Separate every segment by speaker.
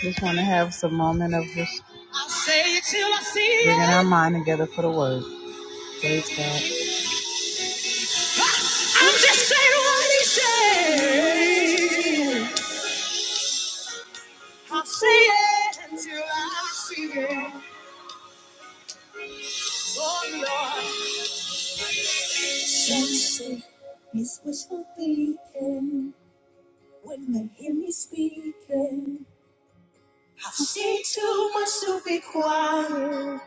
Speaker 1: Just want to have some moment of just bringing our mind together for the word. Praise God. I'm just saying what he said. I'll say it until I see it. Oh, Lord. Sunset is wishful thinking when they hear me speaking. I've seen too much to be quiet.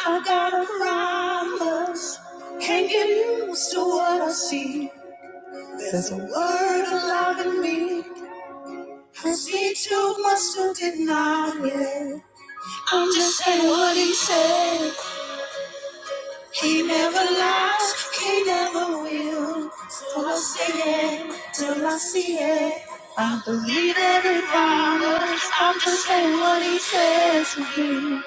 Speaker 1: I have got a promise. Can't get used to what I see. There's a word alive in me. Me too must to deny it. I'm just saying what he said. He never lies, he never will. Till I see it, till I see it. I believe every promise. I'm just saying what he said to me.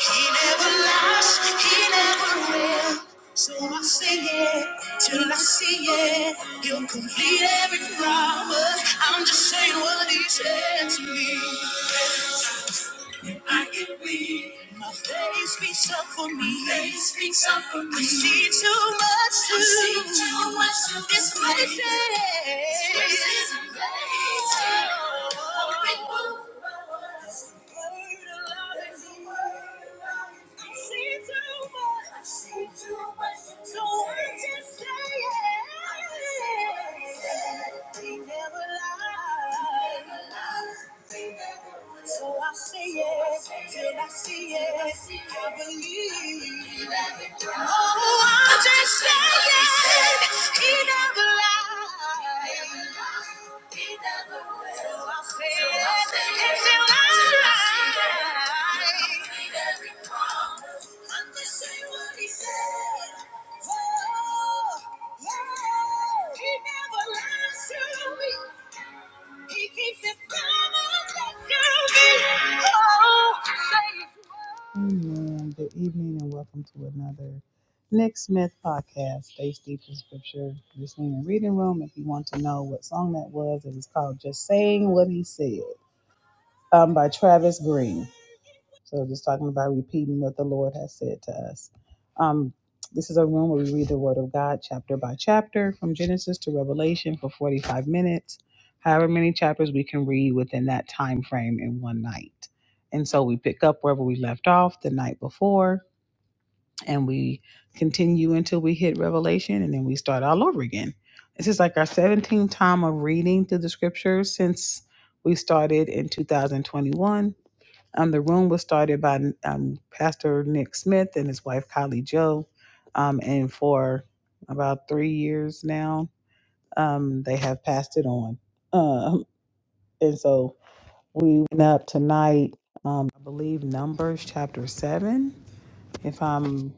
Speaker 1: He never lies, he never will. So I sing it till I see it. He'll complete every promise. I'm just saying what he said to me. I get weak. My faith speaks up for me. My faith speaks up for me. I see too much to, I see too much to this place. This is a place. Oh, it moves. I see too much. I see too much. So I so I say it till I see it. I believe. Oh, I'm just saying he never lied. So I say it until I see it. Amen. Good evening and welcome to another Nick Smith podcast, Based Deep in Scripture, Listening and Reading Room. If you want to know what song that was, it was called Just Saying What He Said um, by Travis Green. So just talking about repeating what the Lord has said to us. Um, this is a room where we read the Word of God chapter by chapter from Genesis to Revelation for 45 minutes, however many chapters we can read within that time frame in one night. And so we pick up wherever we left off the night before, and we continue until we hit Revelation, and then we start all over again. This is like our 17th time of reading through the scriptures since we started in 2021 um, the room was started by um, Pastor Nick Smith and his wife Kylie Joe, um, and for about three years now, um, they have passed it on. Um, and so we went up tonight. Um, I believe Numbers chapter seven if I'm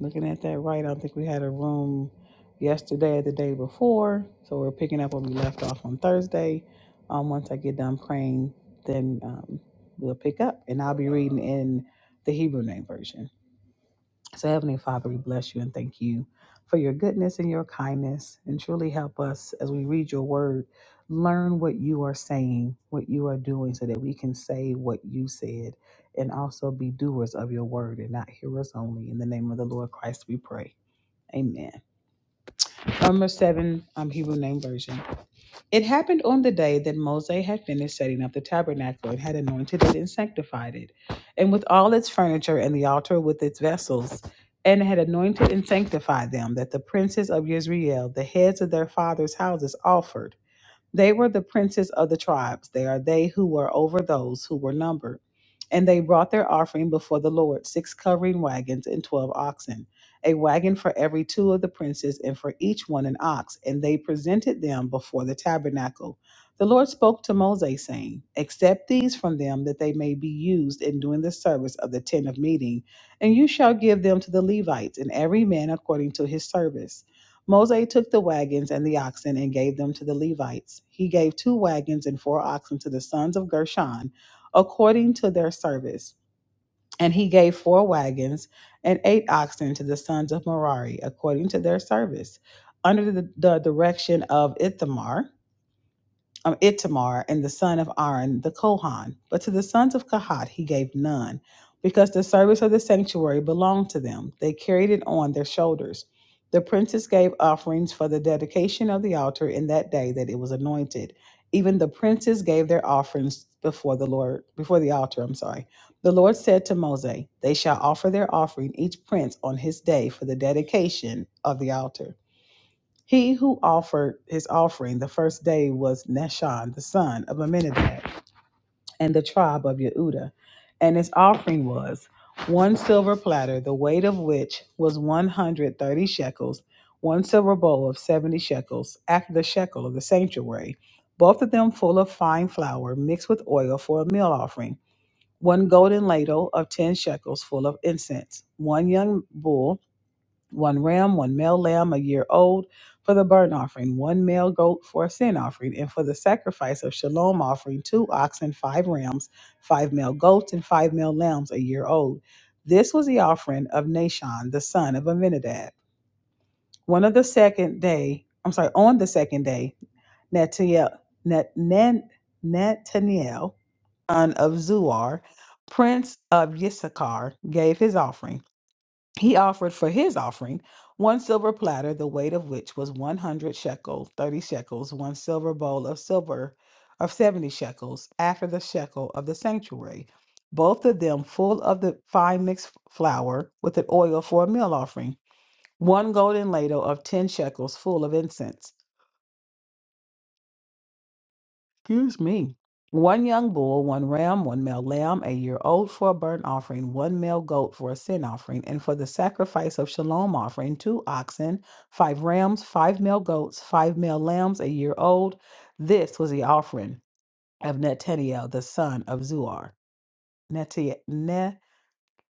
Speaker 1: looking at that right, I think we had a room yesterday or the day before. So we're picking up where we left off on Thursday. Um, once I get done praying, then um, we'll pick up, and I'll be reading in the Hebrew name version. So, Heavenly Father, we bless you and thank you for your goodness and your kindness. And truly help us as we read your word, learn what you are saying, what you are doing, so that we can say what you said and also be doers of your word and not hearers only. In the name of the Lord Christ, we pray. Amen. Number seven, um, Hebrew name version. It happened on the day that Moses had finished setting up the tabernacle and had anointed it and sanctified it, and with all its furniture and the altar with its vessels, and had anointed and sanctified them, that the princes of Israel, the heads of their fathers' houses, offered. They were the princes of the tribes. They are they who were over those who were numbered. And they brought their offering before the Lord six covering wagons and twelve oxen, a wagon for every two of the princes, and for each one an ox. And they presented them before the tabernacle. The Lord spoke to Moses, saying, Accept these from them, that they may be used in doing the service of the tent of meeting, and you shall give them to the Levites, and every man according to his service. Moses took the wagons and the oxen and gave them to the Levites. He gave two wagons and four oxen to the sons of Gershon according to their service. And he gave four wagons and eight oxen to the sons of Merari according to their service, under the, the direction of Ithamar um, Itamar and the son of Aaron the Kohan, but to the sons of Kahat he gave none, because the service of the sanctuary belonged to them. They carried it on their shoulders. The princes gave offerings for the dedication of the altar in that day that it was anointed. Even the princes gave their offerings before the Lord, before the altar, I'm sorry. The Lord said to Moses, They shall offer their offering, each prince on his day, for the dedication of the altar. He who offered his offering the first day was Nashon, the son of Amminadab, and the tribe of Yehuda. And his offering was one silver platter, the weight of which was 130 shekels, one silver bowl of 70 shekels, after the shekel of the sanctuary, both of them full of fine flour mixed with oil for a meal offering, one golden ladle of 10 shekels full of incense, one young bull one ram, one male lamb a year old for the burnt offering, one male goat for a sin offering, and for the sacrifice of shalom offering, two oxen, five rams, five male goats, and five male lambs a year old. This was the offering of Nashon, the son of Aminadab. One of the second day, I'm sorry, on the second day, Netaniel, Nat, Nan, Nathaniel, son of Zuar, prince of Issachar, gave his offering. He offered for his offering one silver platter, the weight of which was 100 shekels, 30 shekels, one silver bowl of silver of 70 shekels, after the shekel of the sanctuary, both of them full of the fine mixed flour with the oil for a meal offering, one golden ladle of 10 shekels full of incense. Excuse me. One young bull, one ram, one male lamb, a year old for a burnt offering, one male goat for a sin offering, and for the sacrifice of shalom offering, two oxen, five rams, five male goats, five male lambs, a year old. This was the offering of Netanel, the son of Zuar.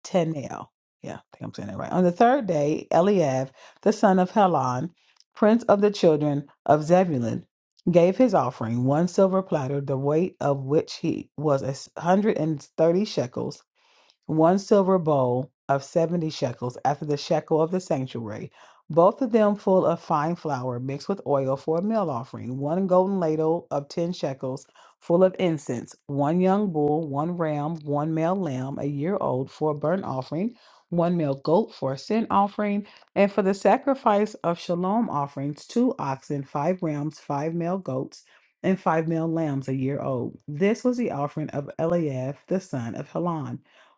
Speaker 1: Tenel. Yeah, I think I'm saying that right. On the third day, Eliab, the son of Helon, prince of the children of Zebulun, gave his offering, one silver platter, the weight of which he was a hundred and thirty shekels, one silver bowl of seventy shekels after the shekel of the sanctuary, both of them full of fine flour mixed with oil for a meal offering, one golden ladle of ten shekels full of incense, one young bull, one ram, one male lamb a year old for a burnt offering, one male goat for a sin offering, and for the sacrifice of shalom offerings, two oxen, five rams, five male goats. And five male lambs a year old. This was the offering of Eliab, the son of Helon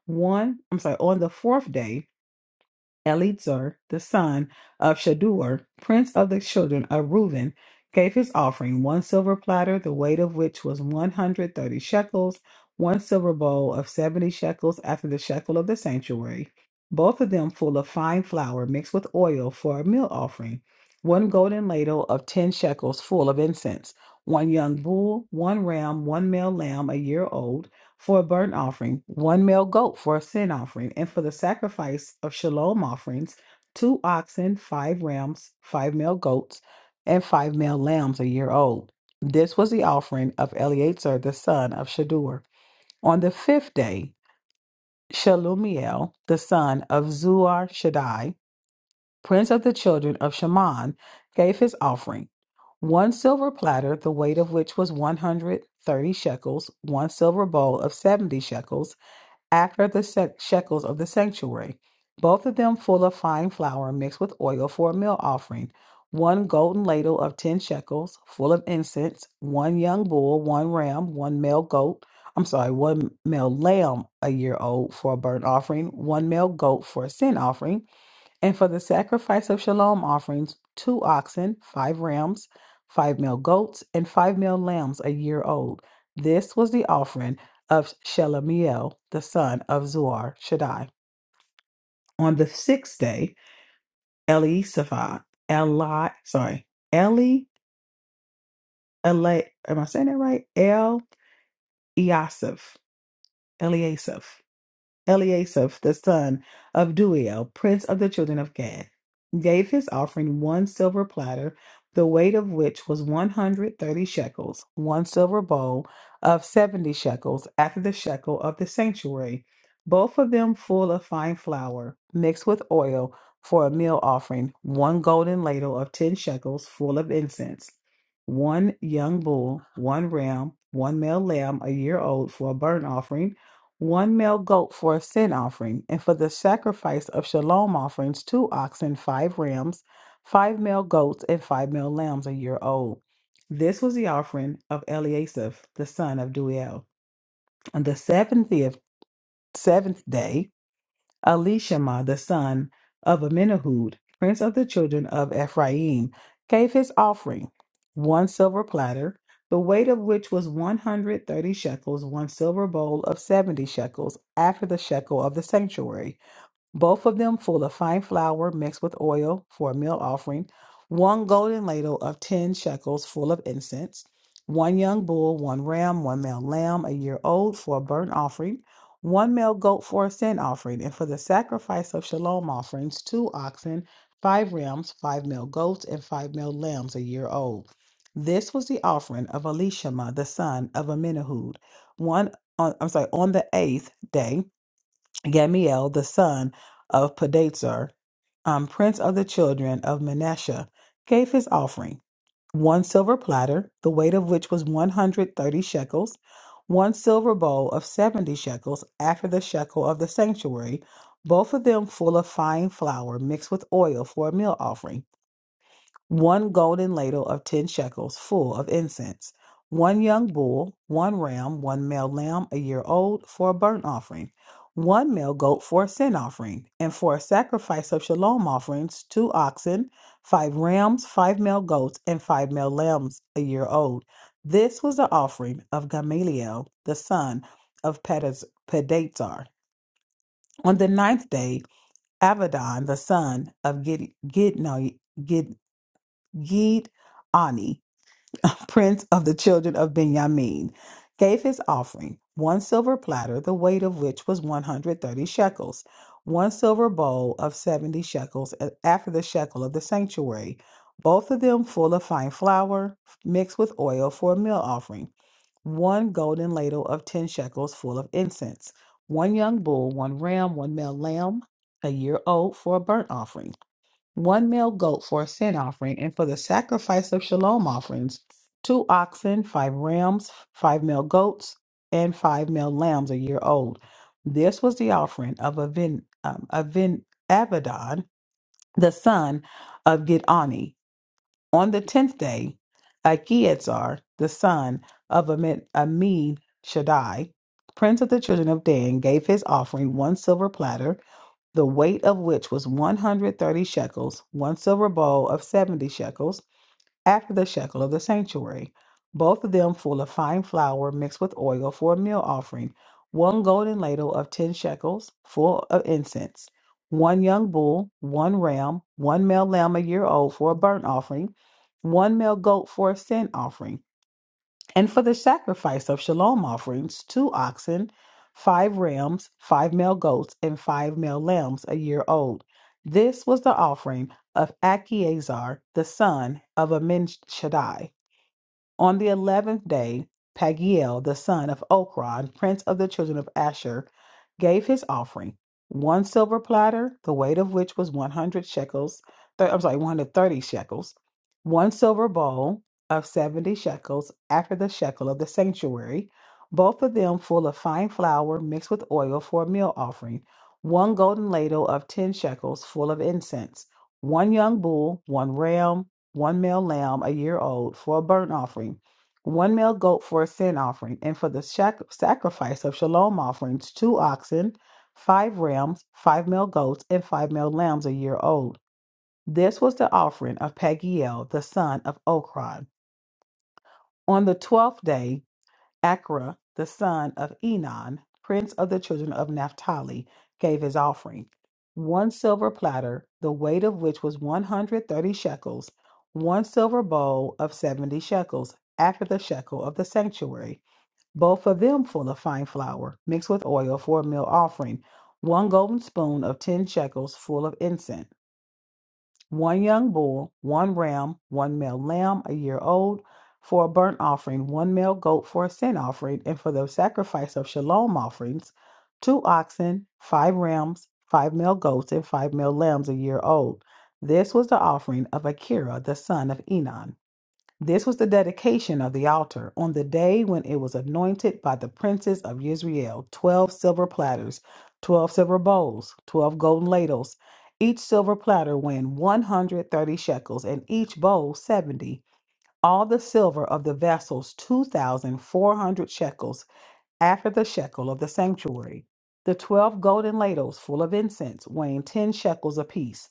Speaker 1: one, I'm sorry, on the fourth day, Eleazar, the son of Shadur, prince of the children of Reuben, gave his offering one silver platter, the weight of which was 130 shekels, one silver bowl of 70 shekels after the shekel of the sanctuary, both of them full of fine flour mixed with oil for a meal offering, one golden ladle of 10 shekels full of incense, one young bull, one ram, one male lamb a year old for a burnt offering, one male goat for a sin offering, and for the sacrifice of shalom offerings, two oxen, five rams, five male goats, and five male lambs a year old. This was the offering of Eleazar the son of Shadur. On the fifth day, Shalumiel the son of Zuar Shaddai, prince of the children of Shaman, gave his offering one silver platter, the weight of which was 130 shekels, one silver bowl of 70 shekels, after the sec- shekels of the sanctuary, both of them full of fine flour mixed with oil for a meal offering, one golden ladle of ten shekels full of incense, one young bull, one ram, one male goat, I'm sorry, one male lamb a year old for a burnt offering, one male goat for a sin offering, and for the sacrifice of shalom offerings, two oxen, five rams, five male goats, and five male lambs a year old. This was the offering of Shelemiel, the son of Zuar Shaddai. On the sixth day, Elisaphah, Eli, sorry, Eli, Eli, am I saying that right? El Eliasaph, Eliasaph. Eliasaph, the son of Duel, prince of the children of Gad, gave his offering one silver platter, the weight of which was 130 shekels, one silver bowl of 70 shekels, after the shekel of the sanctuary, both of them full of fine flour, mixed with oil for a meal offering, one golden ladle of 10 shekels, full of incense. One young bull, one ram, one male lamb a year old for a burnt offering, one male goat for a sin offering, and for the sacrifice of shalom offerings, two oxen, five rams, five male goats, and five male lambs a year old. This was the offering of Eliasaph, the son of Duel. On the seventh, seventh day, Elishama the son of Amminahud, prince of the children of Ephraim, gave his offering, one silver platter, the weight of which was 130 shekels, one silver bowl of 70 shekels, after the shekel of the sanctuary, both of them full of fine flour mixed with oil for a meal offering, one golden ladle of ten shekels full of incense, one young bull, one ram, one male lamb a year old for a burnt offering, one male goat for a sin offering, and for the sacrifice of shalom offerings, two oxen, five rams, five male goats, and five male lambs a year old. This was the offering of Elishama the son of Amminahud, one on, I'm sorry, on the eighth day Gamiel, the son of Pedazur, um, prince of the children of Manasseh, gave his offering one silver platter, the weight of which was 130 shekels, one silver bowl of 70 shekels, after the shekel of the sanctuary, both of them full of fine flour mixed with oil for a meal offering one golden ladle of ten shekels full of incense, one young bull, one ram, one male lamb a year old for a burnt offering, one male goat for a sin offering, and for a sacrifice of shalom offerings, two oxen, five rams, five male goats, and five male lambs a year old. This was the offering of Gamaliel, the son of Pedaz- Pedazar. On the ninth day, Abaddon, the son of Gid- Gidno- Gid Ani, prince of the children of Benjamin, gave his offering one silver platter, the weight of which was 130 shekels, one silver bowl of 70 shekels a- after the shekel of the sanctuary, both of them full of fine flour mixed with oil for a meal offering one golden ladle of 10 shekels full of incense, one young bull, one ram, one male lamb, a year old for a burnt offering one male goat for a sin offering, and for the sacrifice of shalom offerings, two oxen, five rams, five male goats, and five male lambs a year old. This was the offering of Avin, um, Avin Abaddon, the son of Gidani. On the tenth day, Achietzar, the son of Amid, Amid Shaddai, prince of the children of Dan, gave his offering one silver platter the weight of which was 130 shekels, one silver bowl of 70 shekels, after the shekel of the sanctuary, both of them full of fine flour mixed with oil for a meal offering, one golden ladle of 10 shekels, full of incense, one young bull, one ram, one male lamb a year old for a burnt offering, one male goat for a sin offering and for the sacrifice of shalom offerings, two oxen, five rams, five male goats, and five male lambs a year old. This was the offering of Achiezer, the son of Ammishaddai. On the eleventh day, Pagiel, the son of Okron, prince of the children of Asher, gave his offering, one silver platter, the weight of which was 100 shekels, th- I'm sorry, 130 shekels, one silver bowl of 70 shekels after the shekel of the sanctuary, both of them full of fine flour mixed with oil for a meal offering, one golden ladle of 10 shekels full of incense, one young bull, one ram, one male lamb a year old for a burnt offering, one male goat for a sin offering, and for the shac- sacrifice of shalom offerings, two oxen, five rams, five male goats, and five male lambs a year old. This was the offering of Pagiel the son of Okron. On the twelfth day Acra, the son of Enon, prince of the children of Naphtali, gave his offering one silver platter, the weight of which was 130 shekels, one silver bowl of 70 shekels, after the shekel of the sanctuary, both of them full of fine flour, mixed with oil for a meal offering, one golden spoon of 10 shekels full of incense one young bull, one ram, one male lamb a year old for a burnt offering, one male goat for a sin offering, and for the sacrifice of shalom offerings, two oxen, five rams, five male goats, and five male lambs a year old. This was the offering of Akira, the son of Enon. This was the dedication of the altar on the day when it was anointed by the princes of Israel 12 silver platters, 12 silver bowls, 12 golden ladles, each silver platter weighing 130 shekels, and each bowl 70. All the silver of the vessels 2,400 shekels, after the shekel of the sanctuary. The 12 golden ladles full of incense weighing 10 shekels apiece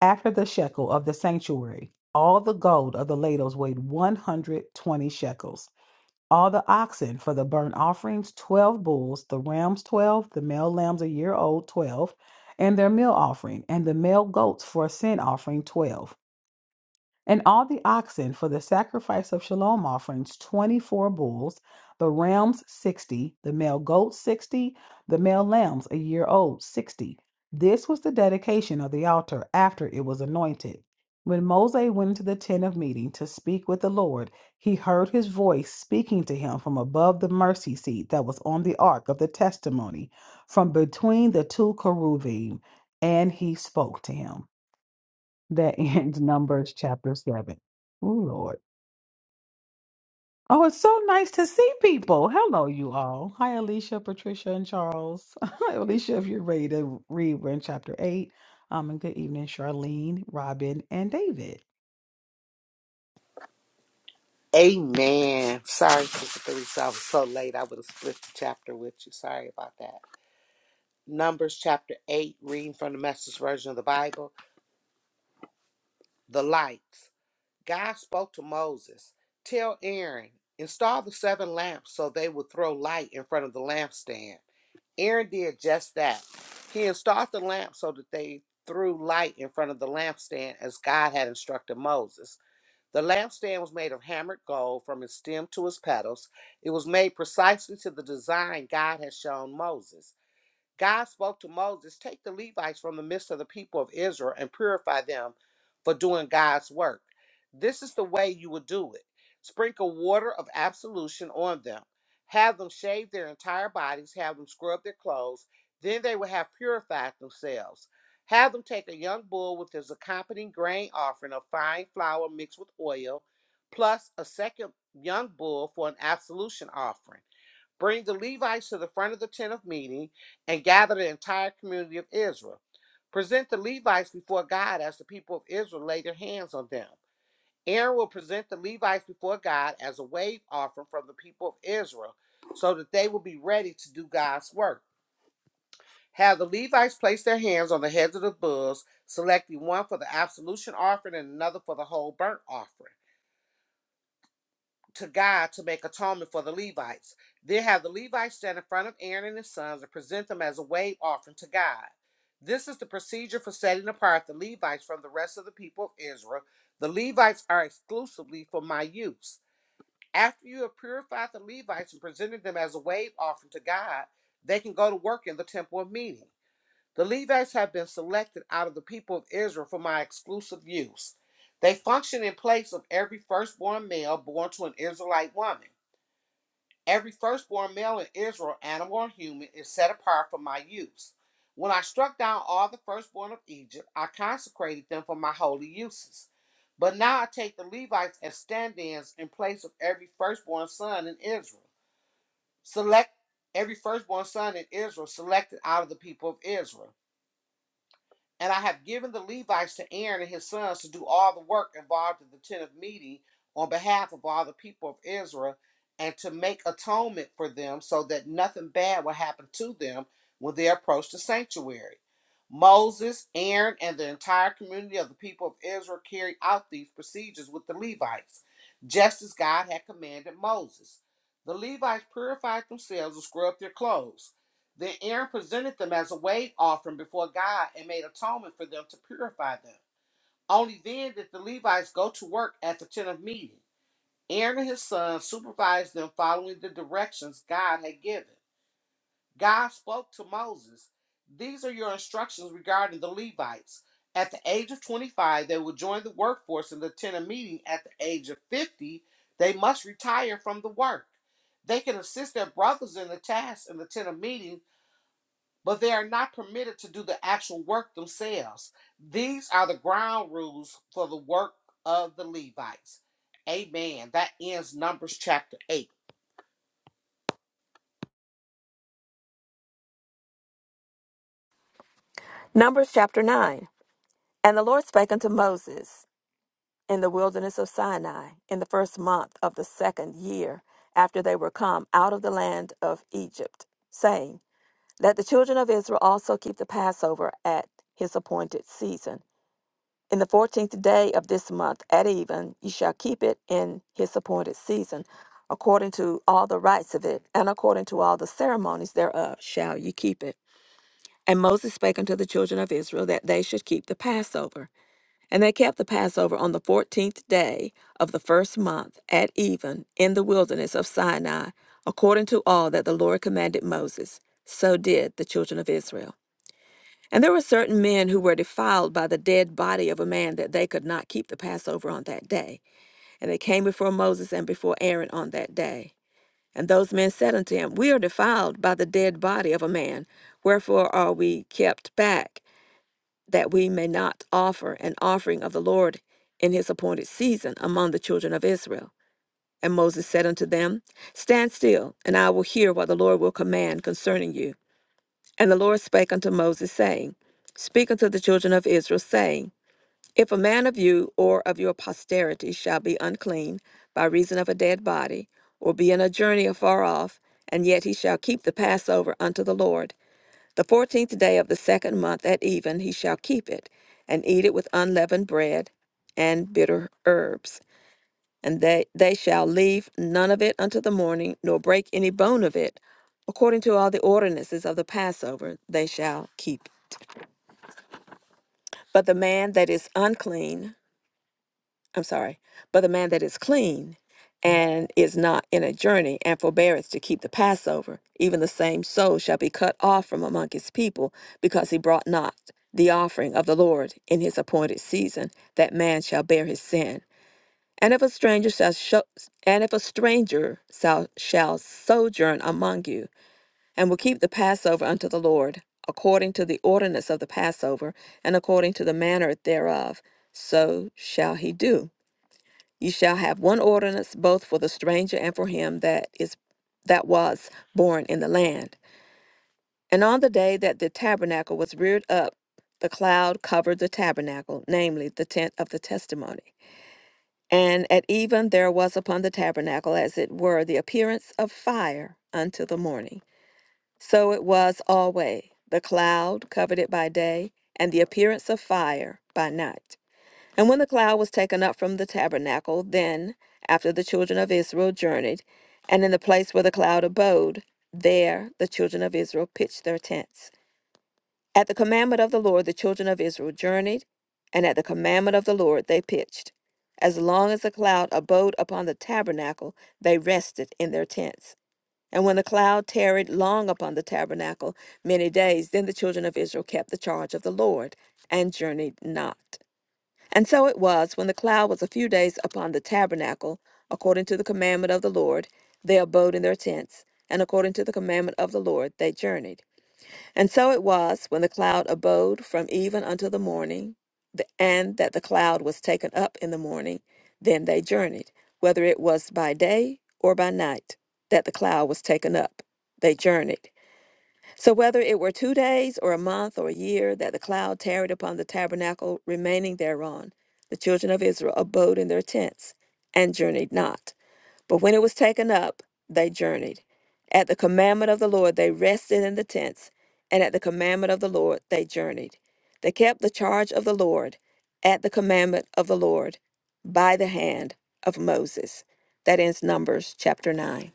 Speaker 1: after the shekel of the sanctuary, all the gold of the ladles weighed 120 shekels. All the oxen for the burnt offerings, 12 bulls, the rams, 12, the male lambs a year old, 12, and their meal offering, and the male goats for a sin offering, 12. And all the oxen for the sacrifice of shalom offerings 24 bulls, the rams 60, the male goats 60, the male lambs a year old 60. This was the dedication of the altar after it was anointed. When Moses went into the tent of meeting to speak with the Lord, he heard his voice speaking to him from above the mercy seat that was on the ark of the testimony, from between the two cherubim, and he spoke to him that ends Numbers chapter 7. Oh, Lord. Oh, it's so nice to see people. Hello, you all. Hi, Alicia, Patricia, and Charles. Hi, Alicia, if you're ready to read, we're in chapter 8. Um, and good evening, Charlene, Robin, and David.
Speaker 2: Amen. Sorry, Sister Theresa, I was so late. I would have split the chapter with you. Sorry about that. Numbers chapter 8, reading from the message version of the Bible. The lights. God spoke to Moses Tell Aaron, install the seven lamps so they will throw light in front of the lampstand. Aaron did just that. He installed the lamps so that they threw light in front of the lampstand as God had instructed Moses. The lampstand was made of hammered gold from its stem to its petals. It was made precisely to the design God had shown Moses. God spoke to Moses, Take the Levites from the midst of the people of Israel and purify them for doing God's work. This is the way you will do it sprinkle water of absolution on them, have them shave their entire bodies, have them scrub their clothes, then they will have purified themselves. Have them take a young bull with his accompanying grain offering of fine flour mixed with oil, plus a second young bull for an absolution offering. Bring the Levites to the front of the tent of meeting and gather the entire community of Israel. Present the Levites before God as the people of Israel lay their hands on them. Aaron will present the Levites before God as a wave offering from the people of Israel so that they will be ready to do God's work. Have the Levites place their hands on the heads of the bulls, selecting one for the absolution offering and another for the whole burnt offering. to God to make atonement for the Levites. Then have the Levites stand in front of Aaron and his sons and present them as a wave offering to God. This is the procedure for setting apart the Levites from the rest of the people of Israel. The Levites are exclusively for my use. After you have purified the Levites and presented them as a wave offering to God, they can go to work in the temple of meeting. The Levites have been selected out of the people of Israel for my exclusive use. They function in place of every firstborn male born to an Israelite woman. Every firstborn male in Israel, animal or human, is set apart for my use. When I struck down all the firstborn of Egypt, I consecrated them for my holy uses. But now I take the Levites as stand ins in place of every firstborn son in Israel. Select every firstborn son in Israel selected out of the people of Israel. And I have given the Levites to Aaron and his sons to do all the work involved in the tent of meeting on behalf of all the people of Israel and to make atonement for them so that nothing bad will happen to them when they approach the sanctuary. Moses, Aaron, and the entire community of the people of Israel carried out these procedures with the Levites, just as God had commanded Moses. The Levites purified themselves and scrubbed their clothes. Then Aaron presented them as a wave offering before God and made atonement for them to purify them. Only then did the Levites go to work at the tent of meeting. Aaron and his sons supervised them following the directions God had given. God spoke to Moses These are your instructions regarding the Levites. At the age of 25, they will join the workforce in the tent of meeting. At the age of 50, they must retire from the work. They can assist their brothers in the task in the tent of meeting but they are not permitted to do the actual work themselves. These are the ground rules for the work of the Levites. Amen. That ends Numbers chapter 8.
Speaker 3: Numbers chapter 9. And the Lord spake unto Moses in the wilderness of Sinai in the first month of the second year after they were come out of the land of Egypt, saying, Let the children of Israel also keep the Passover at his appointed season. In the fourteenth day of this month at even, ye shall keep it in his appointed season, according to all the rites of it, and according to all the ceremonies thereof shall ye keep it. And Moses spake unto the children of Israel that they should keep the Passover. And they kept the Passover on the fourteenth day of the first month at even in the wilderness of Sinai, according to all that the Lord commanded Moses. So did the children of Israel. And there were certain men who were defiled by the dead body of a man that they could not keep the Passover on that day. And they came before Moses and before Aaron on that day. And those men said unto him, We are defiled by the dead body of a man. Wherefore are we kept back? that we may not offer an offering of the Lord in his appointed season among the children of Israel. And Moses said unto them, Stand still, and I will hear what the Lord will command concerning you. And the Lord spake unto Moses, saying, Speak unto the children of Israel, saying, If a man of you or of your posterity shall be unclean by reason of a dead body, or be in a journey afar off, and yet he shall keep the Passover unto the Lord, the fourteenth day of the second month at even he shall keep it, and eat it with unleavened bread and bitter herbs. And they, they shall leave none of it unto the morning, nor break any bone of it. According to all the ordinances of the Passover, they shall keep. But the man that is unclean, I'm sorry, but the man that is clean and is not in a journey and forbeareth to keep the Passover, even the same soul shall be cut off from among his people, because he brought not the offering of the Lord in his appointed season, that man shall bear his sin. And if a stranger shall sho- and if a stranger shall, shall sojourn among you, and will keep the Passover unto the Lord, according to the ordinance of the Passover, and according to the manner thereof, so shall he do. You shall have one ordinance both for the stranger and for him that is that was born in the land. And on the day that the tabernacle was reared up, the cloud covered the tabernacle, namely the tent of the testimony. And at even there was upon the tabernacle as it were the appearance of fire until the morning. So it was always: the cloud covered it by day, and the appearance of fire by night. And when the cloud was taken up from the tabernacle, then, after the children of Israel journeyed, and in the place where the cloud abode, there the children of Israel pitched their tents. At the commandment of the Lord, the children of Israel journeyed, and at the commandment of the Lord they pitched. As long as the cloud abode upon the tabernacle, they rested in their tents. And when the cloud tarried long upon the tabernacle many days, then the children of Israel kept the charge of the Lord and journeyed not. And so it was, when the cloud was a few days upon the tabernacle, according to the commandment of the Lord, they abode in their tents, and according to the commandment of the Lord they journeyed. And so it was, when the cloud abode from even until the morning, th- and that the cloud was taken up in the morning, then they journeyed, whether it was by day or by night, that the cloud was taken up. They journeyed. So whether it were two days or a month or a year that the cloud tarried upon the tabernacle remaining thereon, the children of Israel abode in their tents and journeyed not. But when it was taken up, they journeyed. At the commandment of the Lord they rested in the tents, and at the commandment of the Lord they journeyed. They kept the charge of the Lord at the commandment of the Lord by the hand of Moses. That ends Numbers chapter 9.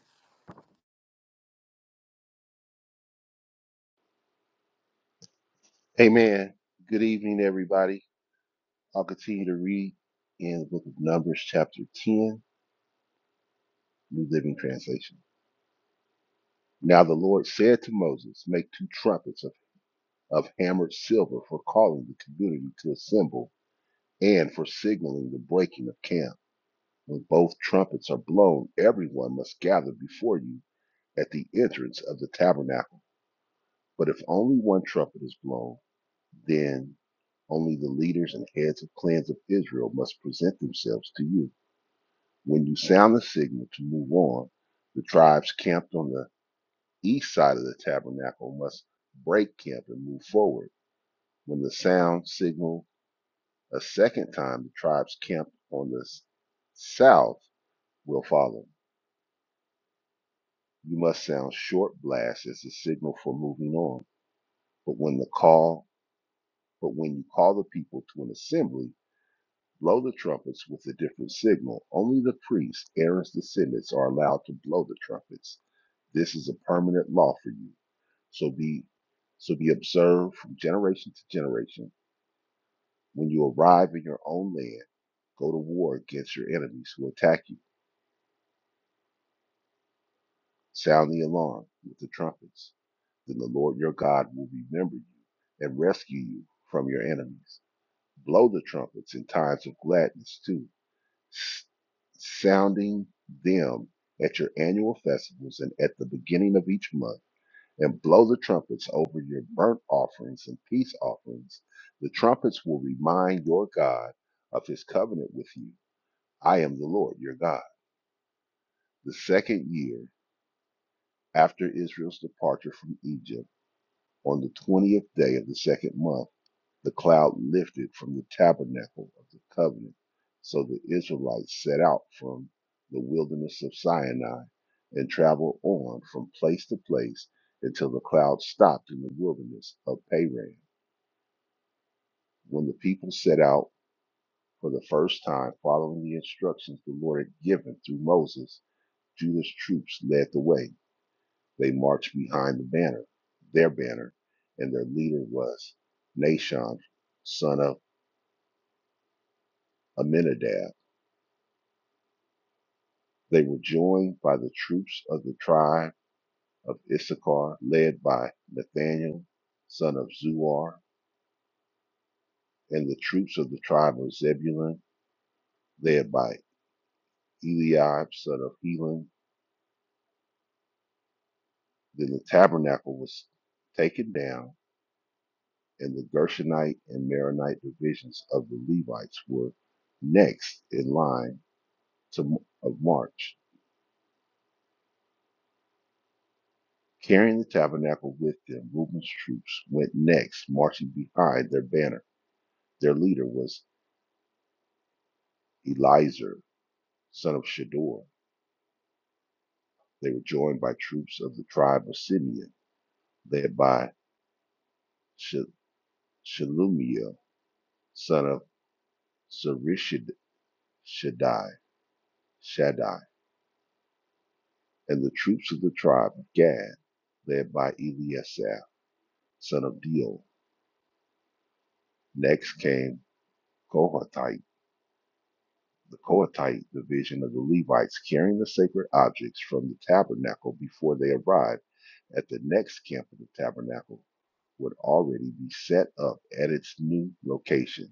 Speaker 4: Amen. Good evening, everybody. I'll continue to read in the book of Numbers, chapter 10, New Living Translation. Now the Lord said to Moses, Make two trumpets of, of hammered silver for calling the community to assemble and for signaling the breaking of camp. When both trumpets are blown, everyone must gather before you at the entrance of the tabernacle. But if only one trumpet is blown, then only the leaders and heads of clans of Israel must present themselves to you When you sound the signal to move on, the tribes camped on the east side of the tabernacle must break camp and move forward. When the sound signal a second time, the tribes camped on the s- south will follow. You must sound short blasts as a signal for moving on. But when the call, but when you call the people to an assembly, blow the trumpets with a different signal. Only the priests, Aaron's descendants, are allowed to blow the trumpets. This is a permanent law for you. So be so be observed from generation to generation. When you arrive in your own land, go to war against your enemies who attack you. Sound the alarm with the trumpets. Then the Lord your God will remember you and rescue you from your enemies. Blow the trumpets in times of gladness too, sounding them at your annual festivals and at the beginning of each month and blow the trumpets over your burnt offerings and peace offerings. The trumpets will remind your God of his covenant with you. I am the Lord your God. The second year after Israel's departure from Egypt, on the 20th day of the second month, the cloud lifted from the tabernacle of the covenant. So the Israelites set out from the wilderness of Sinai and traveled on from place to place until the cloud stopped in the wilderness of Paran. When the people set out for the first time, following the instructions the Lord had given through Moses, Judah's troops led the way. They marched behind the banner, their banner, and their leader was Nashon, son of Aminadab. They were joined by the troops of the tribe of Issachar, led by Nathaniel, son of Zuar, and the troops of the tribe of Zebulun, led by Eliab, son of Helon. Then the tabernacle was taken down, and the Gershonite and Meronite divisions of the Levites were next in line to, of march. Carrying the tabernacle with them, Reuben's troops went next, marching behind their banner. Their leader was Elizur, son of Shador. They were joined by troops of the tribe of Simeon, led by Shelumiel, son of Surishad- Shaddai. Shaddai. and the troops of the tribe of Gad, led by Eliasaph, son of Deal. Next came Kohathite, the Kohathite division of the Levites, carrying the sacred objects from the tabernacle before they arrived at the next camp of the tabernacle would already be set up at its new location.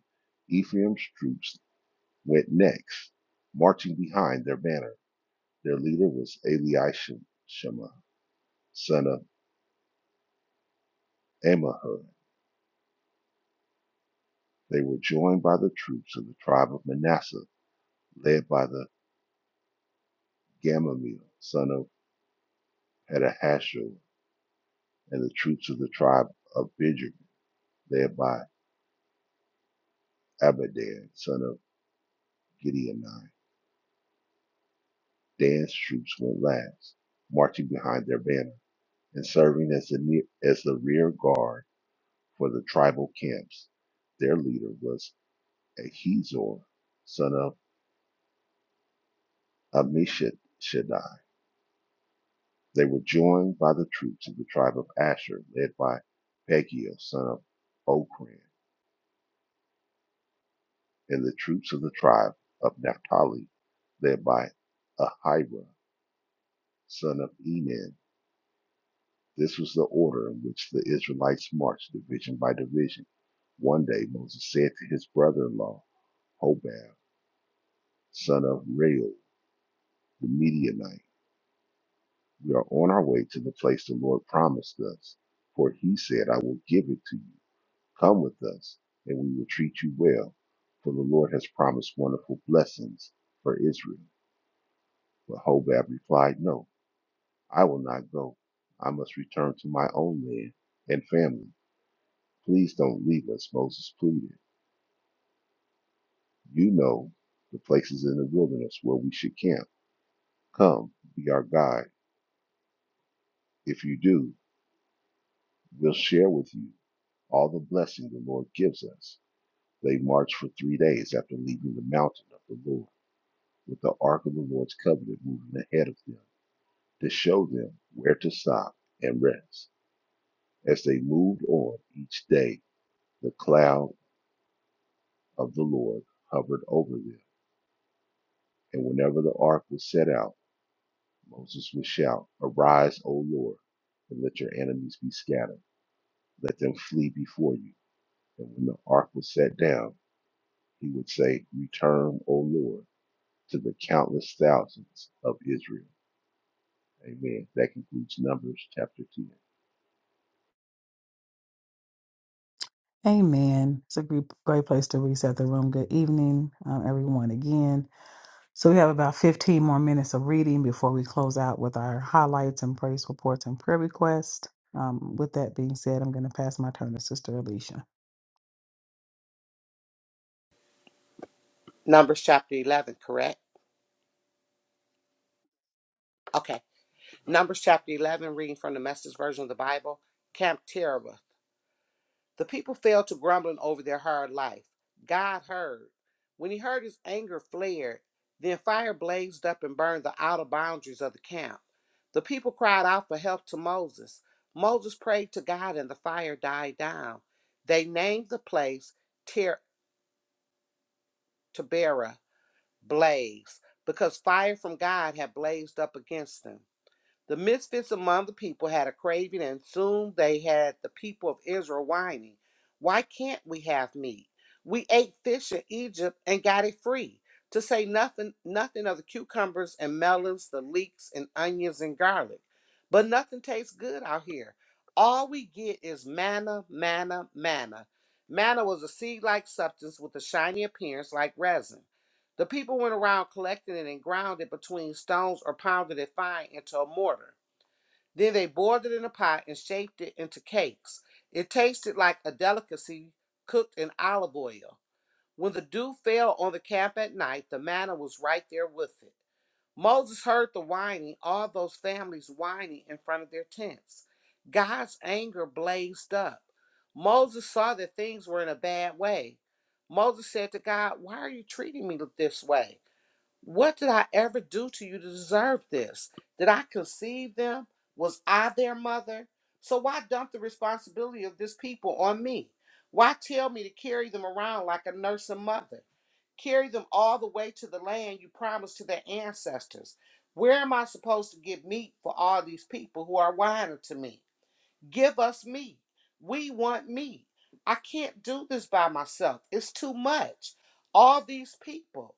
Speaker 4: Ephraim's troops went next, marching behind their banner. Their leader was Eliashib, son of Amahud They were joined by the troops of the tribe of Manasseh, led by the Gamaliel son of Pedahashur, and the troops of the tribe of Benjamin, led by Abidan son of Gideoni. Dan's troops went last, marching behind their banner and serving as the, near, as the rear guard for the tribal camps. Their leader was Ahizor son of Ammishaddai. They were joined by the troops of the tribe of Asher, led by Pagiel son of Okran, and the troops of the tribe of Naphtali, led by Ahira son of Enan. This was the order in which the Israelites marched division by division. One day Moses said to his brother-in-law, Hobab, son of Reuel, the Midianite, We are on our way to the place the Lord promised us, for he said, I will give it to you. Come with us, and we will treat you well. For the Lord has promised wonderful blessings for Israel. But Hobab replied, No, I will not go. I must return to my own land and family. Please don't leave us, Moses pleaded. You know the places in the wilderness where we should camp. Come, be our guide. If you do, we'll share with you all the blessing the Lord gives us. They marched for three days after leaving the mountain of the Lord. with the Ark of the Lord's covenant moving ahead of them to show them where to stop and rest. As they moved on each day, the cloud of the Lord hovered over them. And whenever the ark was set out, Moses would shout, Arise, O Lord, and let your enemies be scattered. Let them flee before you. And when the ark was set down, he would say, Return, O Lord, to the countless thousands of Israel. Amen. That concludes Numbers chapter 2.
Speaker 1: Amen. It's a great, great place to reset the room. Good evening, um, everyone, again. So, we have about 15 more minutes of reading before we close out with our highlights and praise reports and prayer requests. Um, with that being said, I'm going to pass my turn to Sister Alicia.
Speaker 2: Numbers chapter 11, correct? Okay. Numbers chapter 11, reading from the message version of the Bible. Camp Terror. The people fell to grumbling over their hard life. God heard. When he heard, his anger flared. Then fire blazed up and burned the outer boundaries of the camp. The people cried out for help to Moses. Moses prayed to God, and the fire died down. They named the place Ter- Taberah, blaze, because fire from God had blazed up against them. The misfits among the people had a craving, and soon they had the people of Israel whining, Why can't we have meat? We ate fish in Egypt and got it free, to say nothing, nothing of the cucumbers and melons, the leeks and onions and garlic. But nothing tastes good out here. All we get is manna, manna, manna. Manna was a seed like substance with a shiny appearance like resin. The people went around collecting it and ground it between stones or pounded it fine into a mortar. Then they boiled it in a pot and shaped it into cakes. It tasted like a delicacy cooked in olive oil. When the dew fell on the camp at night, the manna was right there with it. Moses heard the whining, all those families whining in front of their tents. God's anger blazed up. Moses saw that things were in a bad way. Moses said to God, Why are you treating me this way? What did I ever do to you to deserve this? Did I conceive them? Was I their mother? So why dump the responsibility of this people on me? Why tell me to carry them around like a nursing mother? Carry them all the way to the land you promised to their ancestors. Where am I supposed to get meat for all these people who are whining to me? Give us me. We want me. I can't do this by myself. It's too much. All these people.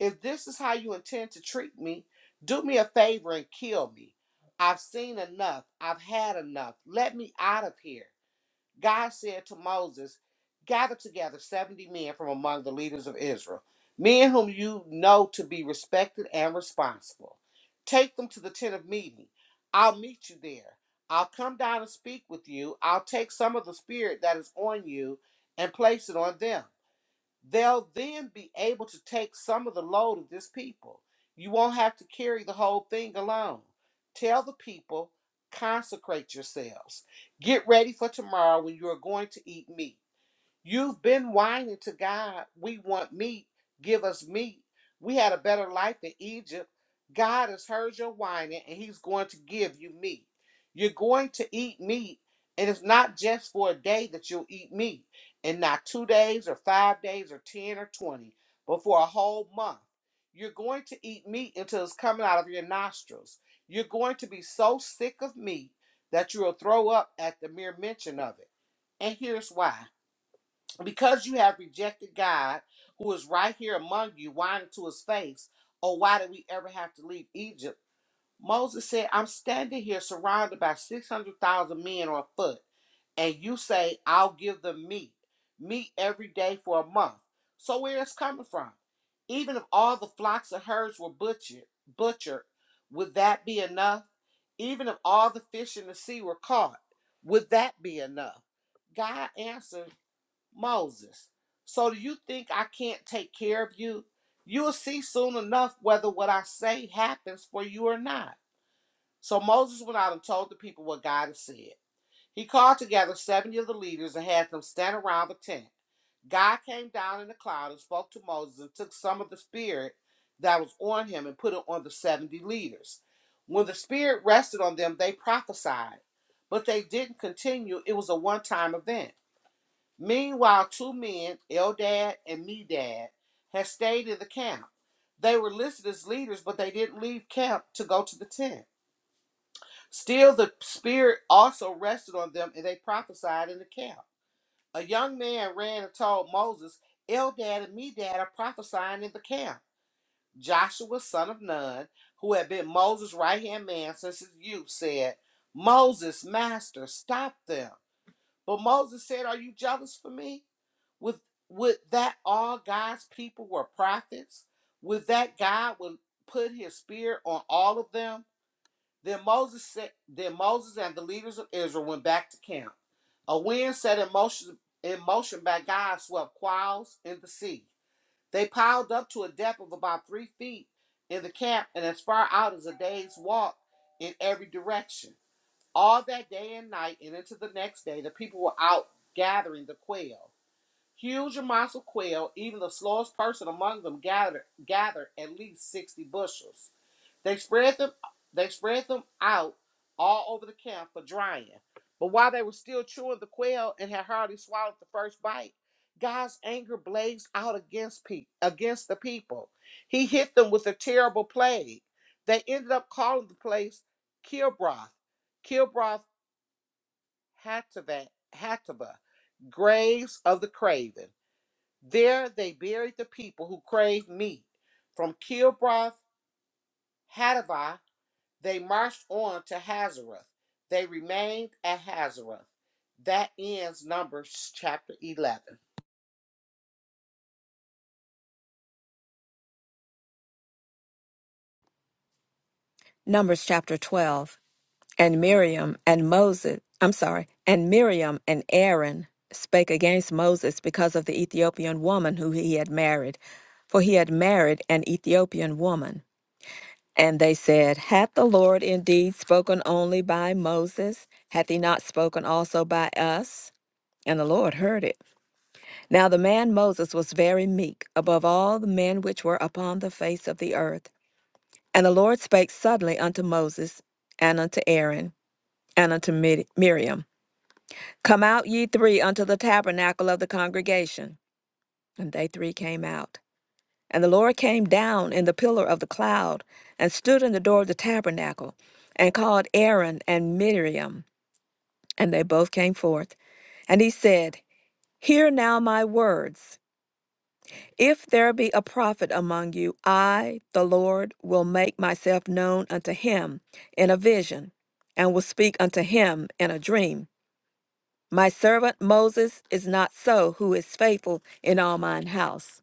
Speaker 2: If this is how you intend to treat me, do me a favor and kill me. I've seen enough. I've had enough. Let me out of here. God said to Moses, Gather together 70 men from among the leaders of Israel, men whom you know to be respected and responsible. Take them to the tent of meeting. I'll meet you there. I'll come down and speak with you. I'll take some of the spirit that is on you and place it on them they'll then be able to take some of the load of this people. You won't have to carry the whole thing alone. Tell the people, consecrate yourselves. Get ready for tomorrow when you are going to eat meat. You've been whining to God, we want meat, give us meat. We had a better life in Egypt. God has heard your whining and he's going to give you meat. You're going to eat meat, and it's not just for a day that you'll eat meat, and not two days or five days or 10 or 20, but for a whole month. You're going to eat meat until it's coming out of your nostrils. You're going to be so sick of meat that you'll throw up at the mere mention of it. And here's why because you have rejected God, who is right here among you, whining to his face, oh, why did we ever have to leave Egypt? Moses said, I'm standing here surrounded by 600,000 men on foot, and you say, I'll give them meat, meat every day for a month. So where is coming from? Even if all the flocks and herds were butchered, butchered, would that be enough? Even if all the fish in the sea were caught, would that be enough? God answered. Moses. So do you think I can't take care of you? You'll see soon enough whether what I say happens for you or not. So Moses went out and told the people what God had said. He called together 70 of the leaders and had them stand around the tent. God came down in the cloud and spoke to Moses and took some of the spirit that was on him and put it on the 70 leaders. When the spirit rested on them, they prophesied, but they didn't continue. It was a one time event. Meanwhile, two men, Eldad and Medad, had stayed in the camp. They were listed as leaders, but they didn't leave camp to go to the tent. Still, the Spirit also rested on them, and they prophesied in the camp. A young man ran and told Moses, Eldad and Medad are prophesying in the camp. Joshua, son of Nun, who had been Moses' right hand man since his youth, said, Moses, master, stop them. But Moses said, Are you jealous for me? With would that all God's people were prophets? Would that God would put his spirit on all of them? Then Moses said, then Moses and the leaders of Israel went back to camp. A wind set in motion in motion by God swept quails in the sea. They piled up to a depth of about three feet in the camp and as far out as a day's walk in every direction. All that day and night and into the next day, the people were out gathering the quail. Huge amounts of quail, even the slowest person among them gathered gathered at least sixty bushels. They spread them they spread them out all over the camp for drying. But while they were still chewing the quail and had hardly swallowed the first bite, God's anger blazed out against pe- against the people. He hit them with a terrible plague. They ended up calling the place Kilbroth, Kilbroth Hatava, Graves of the Craven. There they buried the people who craved meat. From Kilbroth Hadavah, they marched on to Hazeroth. They remained at Hazeroth. That ends Numbers chapter 11.
Speaker 3: Numbers chapter 12. And Miriam and Moses, I'm sorry, and Miriam and Aaron spake against Moses because of the Ethiopian woman who he had married, for he had married an Ethiopian woman. And they said, Hath the Lord indeed spoken only by Moses? Hath he not spoken also by us? And the Lord heard it. Now the man Moses was very meek above all the men which were upon the face of the earth. And the Lord spake suddenly unto Moses and unto Aaron and unto Mid- Miriam. Come out ye three unto the tabernacle of the congregation. And they three came out. And the Lord came down in the pillar of the cloud, and stood in the door of the tabernacle, and called Aaron and Miriam. And they both came forth. And he said, Hear now my words. If there be a prophet among you, I, the Lord, will make myself known unto him in a vision, and will speak unto him in a dream. My servant Moses is not so, who is faithful in all mine house.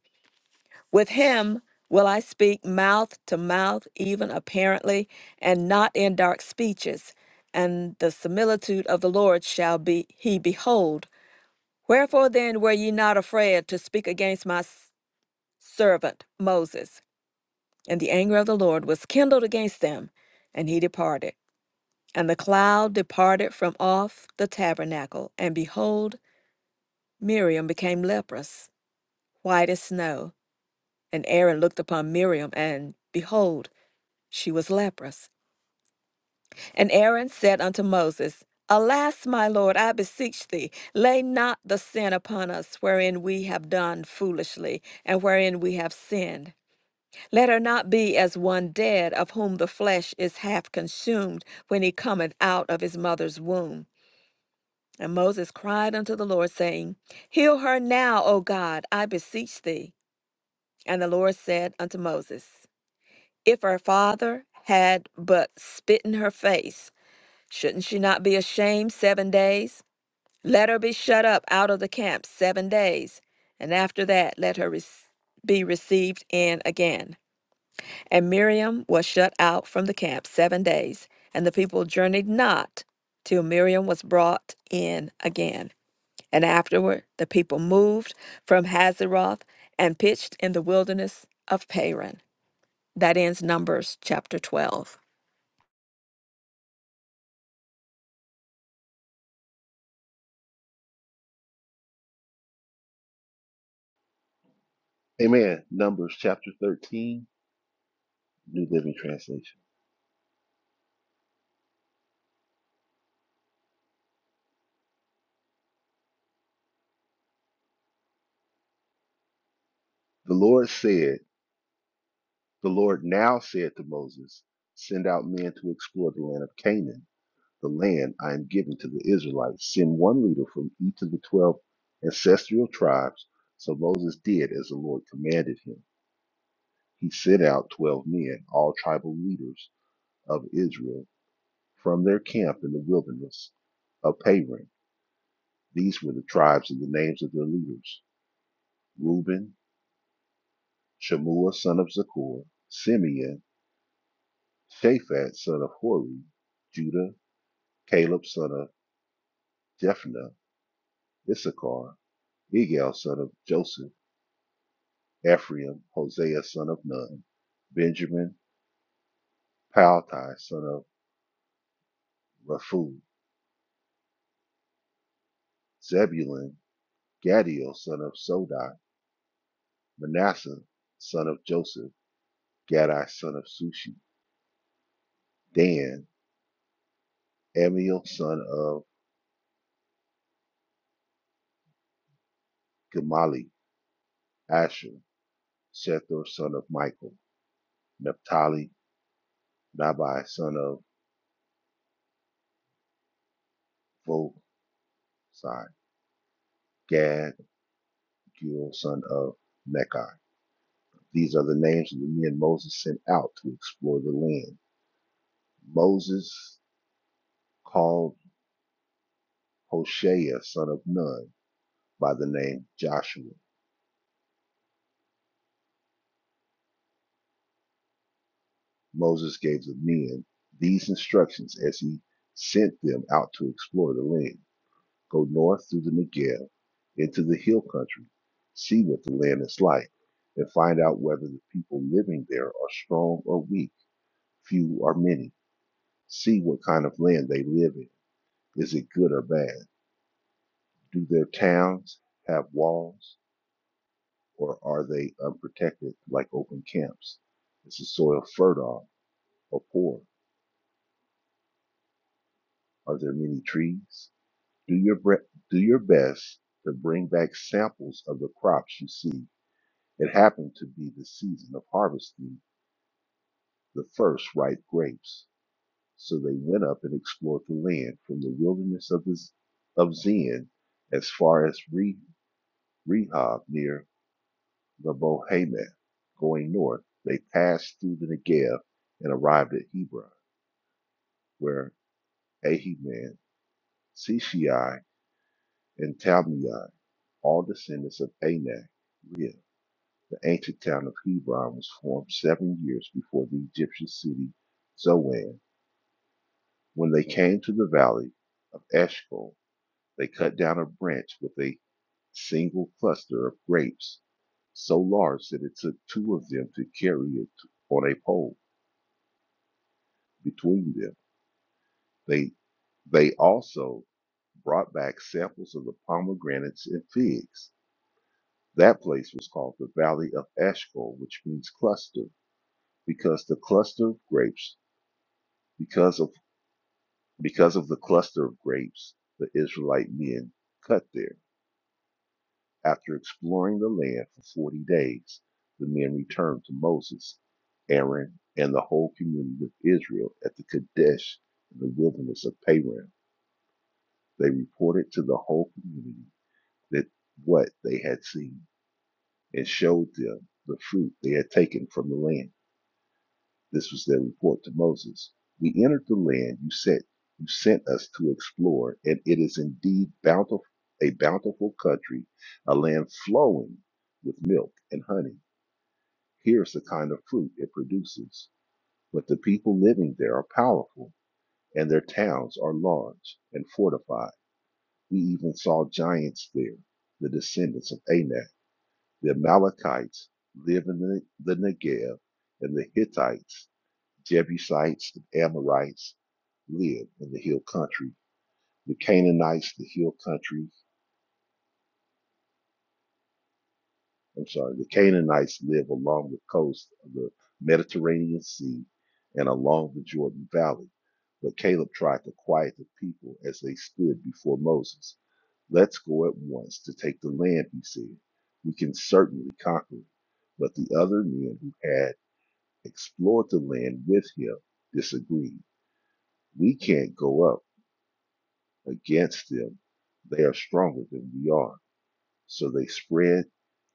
Speaker 3: With him will I speak mouth to mouth, even apparently, and not in dark speeches. And the similitude of the Lord shall be he behold. Wherefore then were ye not afraid to speak against my s- servant Moses? And the anger of the Lord was kindled against them, and he departed. And the cloud departed from off the tabernacle, and behold, Miriam became leprous, white as snow. And Aaron looked upon Miriam, and behold, she was leprous. And Aaron said unto Moses, Alas, my Lord, I beseech thee, lay not the sin upon us wherein we have done foolishly, and wherein we have sinned. Let her not be as one dead, of whom the flesh is half consumed when he cometh out of his mother's womb. And Moses cried unto the Lord, saying, Heal her now, O God, I beseech thee. And the Lord said unto Moses, If her father had but spit in her face, shouldn't she not be ashamed seven days? Let her be shut up out of the camp seven days, and after that let her rec- be received in again. And Miriam was shut out from the camp seven days, and the people journeyed not till Miriam was brought in again. And afterward the people moved from Hazeroth and pitched in the wilderness of Paran. That ends Numbers chapter 12.
Speaker 4: Amen. Numbers chapter 13, New Living Translation. The Lord said, The Lord now said to Moses, Send out men to explore the land of Canaan, the land I am giving to the Israelites. Send one leader from each of the 12 ancestral tribes. So Moses did as the Lord commanded him. He sent out 12 men, all tribal leaders of Israel, from their camp in the wilderness of Paran. These were the tribes and the names of their leaders Reuben, Shammua son of Zakur, Simeon, Shaphat son of Hori, Judah, Caleb son of Jephunneh, Issachar, Igal son of Joseph, Ephraim, Hosea son of Nun, Benjamin, Paltai son of Raphu, Zebulun, Gadiel son of Sodai, Manasseh son of Joseph, Gadai son of Sushi, Dan, Amiel son of Gemali, Asher, Shethor son of Michael, Naphtali Nabai, son of Vosai, Gad, Gul, son of Mechi. These are the names of the men Moses sent out to explore the land. Moses called Hoshea, son of Nun, by the name Joshua. Moses gave the men these instructions as he sent them out to explore the land. Go north through the Negev into the hill country, see what the land is like, and find out whether the people living there are strong or weak few or many. See what kind of land they live in. Is it good or bad? Do their towns have walls or are they unprotected like open camps? Is the soil fertile or poor? Are there many trees? Do your bre- do your best to bring back samples of the crops you see. It happened to be the season of harvesting the first ripe grapes. So they went up and explored the land from the wilderness of, the, Z- of Zin as far as Rehob Rehob near the Bohemath. Going north, they passed through the Negev and arrived at Hebron, where Ahiman, Shishai, and Talmai, all descendants of Anak, lived. The ancient town of Hebron was formed seven years before the Egyptian city Zoan. When they came to the valley of Eshcol, they cut down a branch with a single cluster of grapes, so large that it took two of them to carry it on a pole between them. They they also brought back samples of the pomegranates and figs. That place was called the Valley of Eshcol, which means cluster, because the cluster of grapes, because of because of the cluster of grapes the Israelite men cut there. After exploring the land for forty days, the men returned to Moses, Aaron, and the whole community of Israel at the Kadesh in the wilderness of Paran. They reported to the whole community that what they had seen and showed them the fruit they had taken from the land. This was their report to Moses. We entered the land you sent you sent us to explore, and it is indeed bountiful a bountiful country, a land flowing with milk and honey. Here's the kind of fruit it produces. But the people living there are powerful, and their towns are large and fortified. We even saw giants there, the descendants of Anak. The Amalekites live in the, the Negev, and the Hittites, Jebusites, and Amorites live in the hill country. The Canaanites, the hill country, I'm sorry, the Canaanites live along the coast of the Mediterranean Sea and along the Jordan Valley. But Caleb tried to quiet the people as they stood before Moses. Let's go at once to take the land, he said. We can certainly conquer it. But the other men who had explored the land with him disagreed. We can't go up against them. They are stronger than we are. So they spread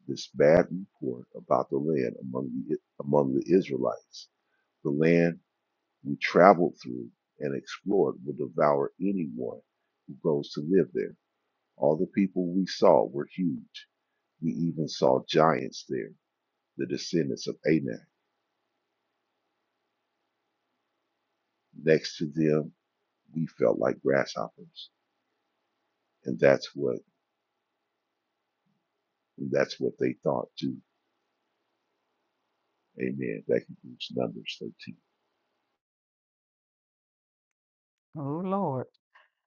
Speaker 4: this bad report about the land among the, among the Israelites. The land we traveled through and explored will devour anyone who goes to live there. All the people we saw were huge. We even saw giants there, the descendants of Anak. Next to them, we felt like grasshoppers. And that's what And That's what they thought too. Amen. That concludes Numbers 13.
Speaker 1: Oh, Lord.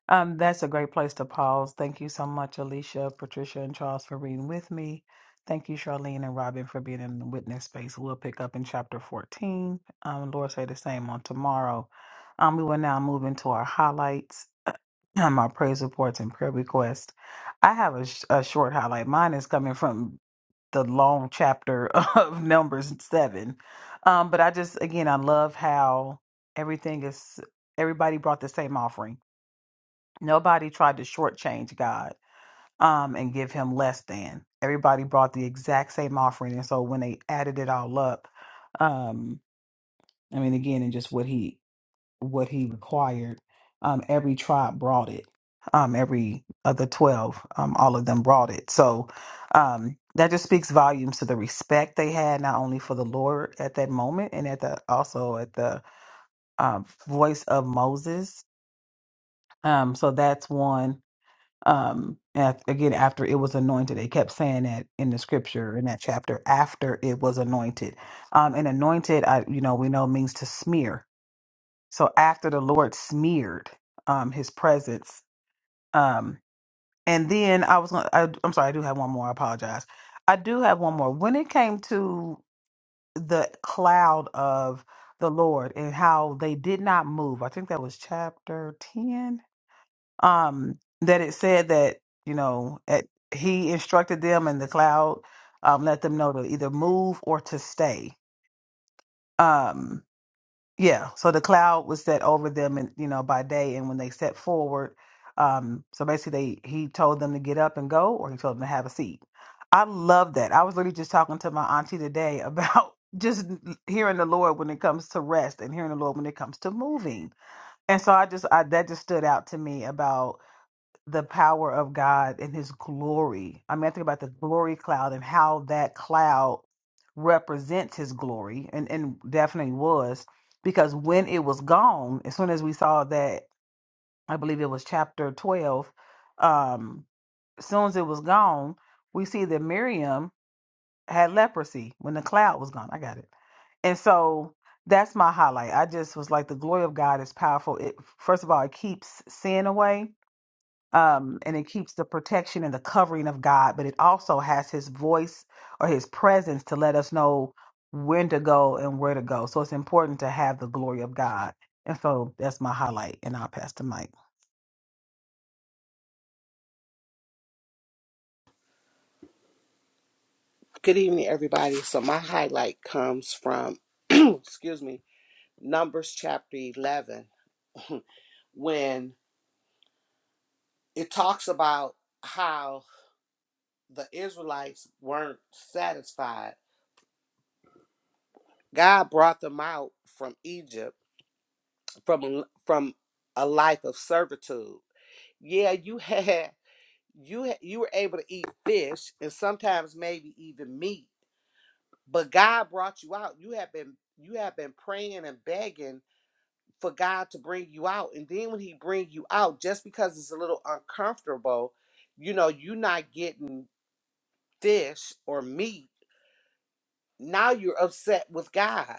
Speaker 1: Um, that's a great place to pause. Thank you so much, Alicia, Patricia, and Charles for reading with me. Thank you, Charlene and Robin, for being in the witness space. We'll pick up in chapter 14. Um, Lord say the same on tomorrow. Um, we will now move into our highlights, um, our praise reports, and prayer requests. I have a, sh- a short highlight. Mine is coming from the long chapter of Numbers 7. Um, but I just, again, I love how everything is, everybody brought the same offering Nobody tried to shortchange God um, and give him less than. Everybody brought the exact same offering, and so when they added it all up, um, I mean, again, and just what he what he required, um, every tribe brought it. Um, every of the twelve, um, all of them brought it. So um, that just speaks volumes to the respect they had, not only for the Lord at that moment, and at the also at the um, voice of Moses. Um, so that's one Um, and I- again, after it was anointed, they kept saying that in the scripture in that chapter. After it was anointed, um, and anointed, I you know we know means to smear. So after the Lord smeared um, His presence, um, and then I was gonna, I, I'm sorry, I do have one more. I apologize. I do have one more. When it came to the cloud of the Lord and how they did not move, I think that was chapter ten um, that it said that you know at, he instructed them in the cloud, um, let them know to either move or to stay. Um, yeah, so the cloud was set over them, and you know by day, and when they set forward, um, so basically they he told them to get up and go, or he told them to have a seat. I love that. I was literally just talking to my auntie today about just hearing the Lord when it comes to rest and hearing the Lord when it comes to moving. And so I just I that just stood out to me about the power of God and his glory. I mean, I think about the glory cloud and how that cloud represents his glory and, and definitely was because when it was gone, as soon as we saw that, I believe it was chapter 12, um, as soon as it was gone, we see that Miriam had leprosy when the cloud was gone. I got it. And so that's my highlight. I just was like, the glory of God is powerful. It first of all, it keeps sin away um, and it keeps the protection and the covering of God, but it also has His voice or His presence to let us know when to go and where to go. So it's important to have the glory of God. And so that's my highlight, and I'll pass the mic.
Speaker 2: Good evening, everybody. So, my highlight comes from, excuse me, Numbers chapter 11, when it talks about how the Israelites weren't satisfied. God brought them out from Egypt from from a life of servitude. Yeah, you had you ha- you were able to eat fish and sometimes maybe even meat, but God brought you out. You have been you have been praying and begging for God to bring you out, and then when He bring you out, just because it's a little uncomfortable, you know, you're not getting fish or meat. Now you're upset with God.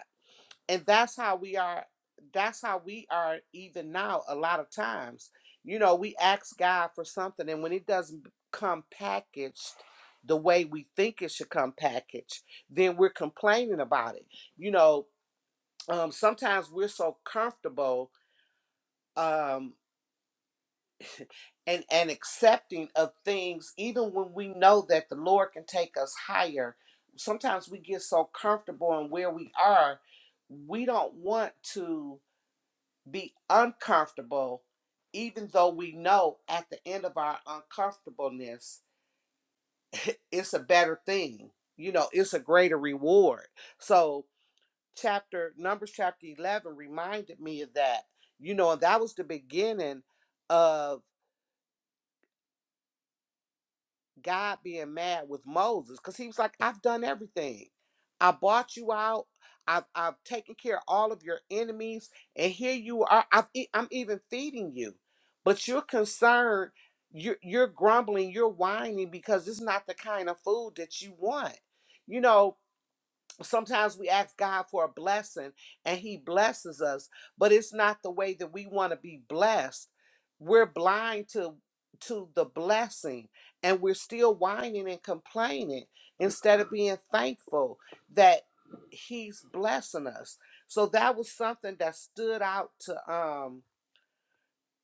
Speaker 2: and that's how we are that's how we are even now a lot of times you know we ask god for something and when it doesn't come packaged the way we think it should come packaged then we're complaining about it you know um, sometimes we're so comfortable um, and and accepting of things even when we know that the lord can take us higher sometimes we get so comfortable in where we are we don't want to be uncomfortable, even though we know at the end of our uncomfortableness, it's a better thing. You know, it's a greater reward. So, chapter Numbers chapter 11 reminded me of that, you know, and that was the beginning of. God being mad with Moses because he was like, I've done everything. I bought you out. I've, I've taken care of all of your enemies. And here you are. I've, e- I'm even feeding you. But you're concerned. You're, you're grumbling. You're whining because it's not the kind of food that you want. You know, sometimes we ask God for a blessing and he blesses us, but it's not the way that we want to be blessed. We're blind to to the blessing and we're still whining and complaining instead of being thankful that he's blessing us. So that was something that stood out to um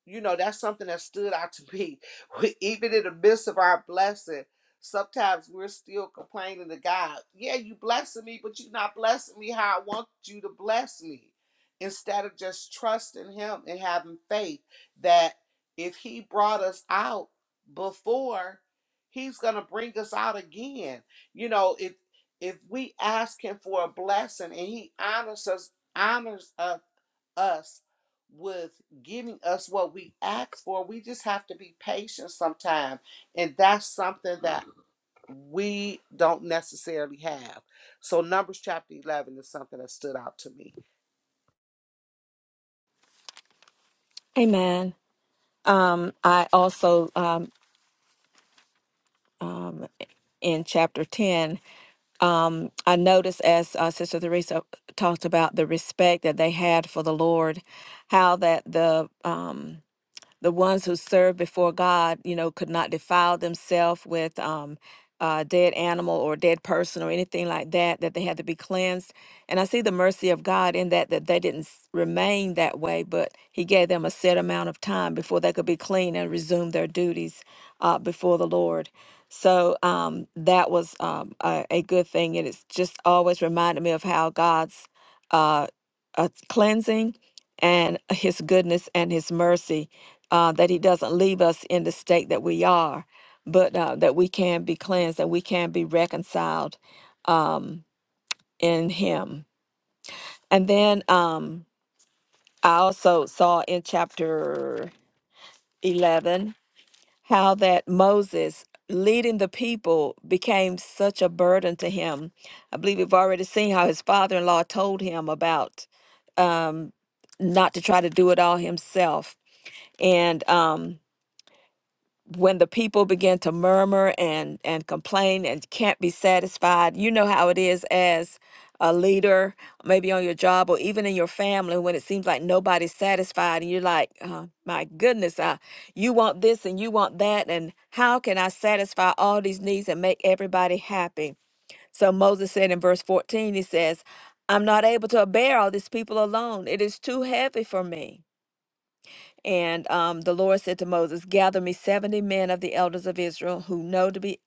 Speaker 2: you know that's something that stood out to me We- even in the midst of our blessing sometimes we're still complaining to god yeah you blessing me but you're not blessing me how i want you to bless me instead of just trusting him and having faith that if he brought us out before he's gonna bring us out again you know if if we ask him for a blessing and he honors us honors us us with giving us what we ask for. We just have to be patient sometimes. And that's something that we don't necessarily have. So Numbers chapter 11 is something that stood out to me.
Speaker 3: Amen. Um, I also um, in chapter ten, um, I noticed as uh, Sister Theresa talked about the respect that they had for the Lord, how that the um, the ones who serve before God, you know, could not defile themselves with um, a dead animal or dead person or anything like that, that they had to be cleansed. And I see the mercy of God in that, that they didn't s- remain that way, but He gave them a set amount of time before they could be clean and resume their duties uh, before the Lord. So um, that was um, a, a good thing. And it's just always reminded me of how God's uh, uh, cleansing and his goodness and his mercy uh, that he doesn't leave us in the state that we are but uh, that we can be cleansed and we can be reconciled um, in him and then um, i also saw in chapter 11 how that moses leading the people became such a burden to him i believe we've already seen how his father-in-law told him about um, not to try to do it all himself and um, when the people begin to murmur and and complain and can't be satisfied you know how it is as a leader maybe on your job or even in your family when it seems like nobody's satisfied and you're like uh, my goodness uh, you want this and you want that and how can i satisfy all these needs and make everybody happy so moses said in verse 14 he says i'm not able to bear all these people alone it is too heavy for me and um, the Lord said to Moses, Gather me 70 men of the elders of Israel who know to be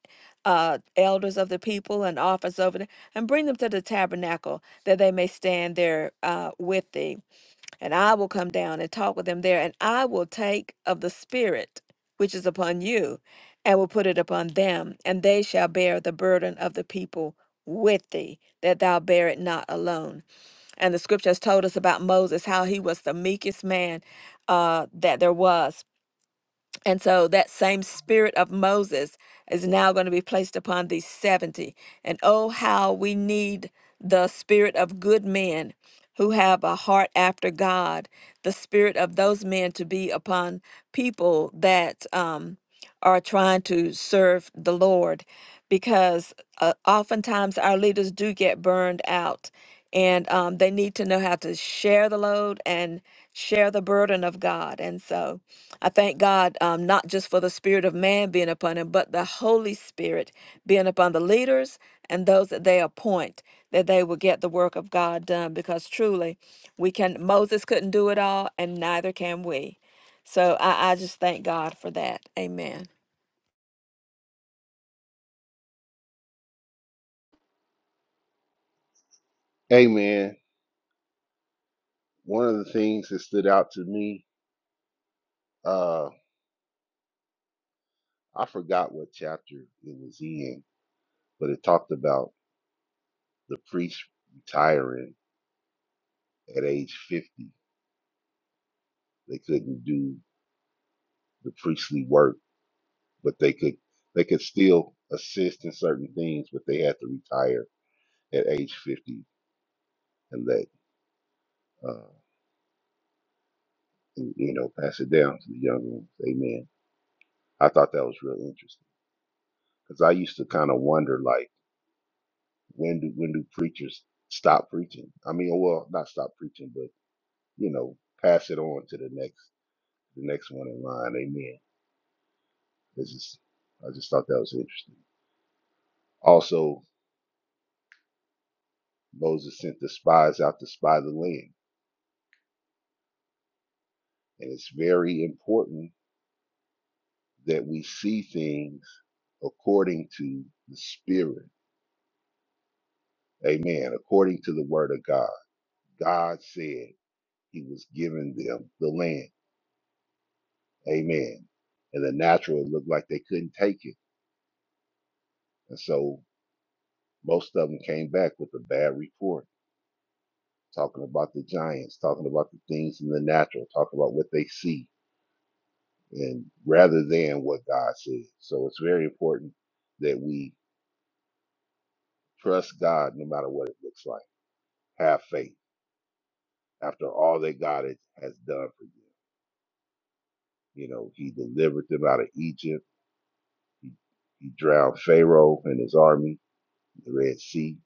Speaker 3: uh, elders of the people and office over them, and bring them to the tabernacle that they may stand there uh, with thee. And I will come down and talk with them there, and I will take of the Spirit which is upon you and will put it upon them, and they shall bear the burden of the people with thee, that thou bear it not alone. And the scripture has told us about Moses, how he was the meekest man uh, that there was. And so that same spirit of Moses is now going to be placed upon these 70. And oh, how we need the spirit of good men who have a heart after God, the spirit of those men to be upon people that. Um, are trying to serve the Lord because uh, oftentimes our leaders do get burned out and um, they need to know how to share the load and share the burden of God. And so I thank God um, not just for the Spirit of man being upon him, but the Holy Spirit being upon the leaders and those that they appoint, that they will get the work of God done because truly we can, Moses couldn't do it all and neither can we. So I, I just thank God for that. Amen.
Speaker 4: Amen. one of the things that stood out to me, uh, I forgot what chapter it was in, but it talked about the priest retiring at age 50. They couldn't do the priestly work, but they could they could still assist in certain things, but they had to retire at age 50 and let uh, you know pass it down to the young ones. Amen. I thought that was real interesting. because I used to kind of wonder like when do when do preachers stop preaching? I mean, well, not stop preaching, but you know, pass it on to the next the next one in line. Amen. This is I just thought that was interesting. Also, Moses sent the spies out to spy the land, and it's very important that we see things according to the Spirit. Amen. According to the Word of God, God said He was giving them the land. Amen. And the natural, it looked like they couldn't take it. And so most of them came back with a bad report, talking about the giants, talking about the things in the natural, talking about what they see, and rather than what God says. So it's very important that we trust God no matter what it looks like. Have faith after all that God has has done for you. You know, He delivered them out of Egypt, He drowned Pharaoh and his army, the Red Sea,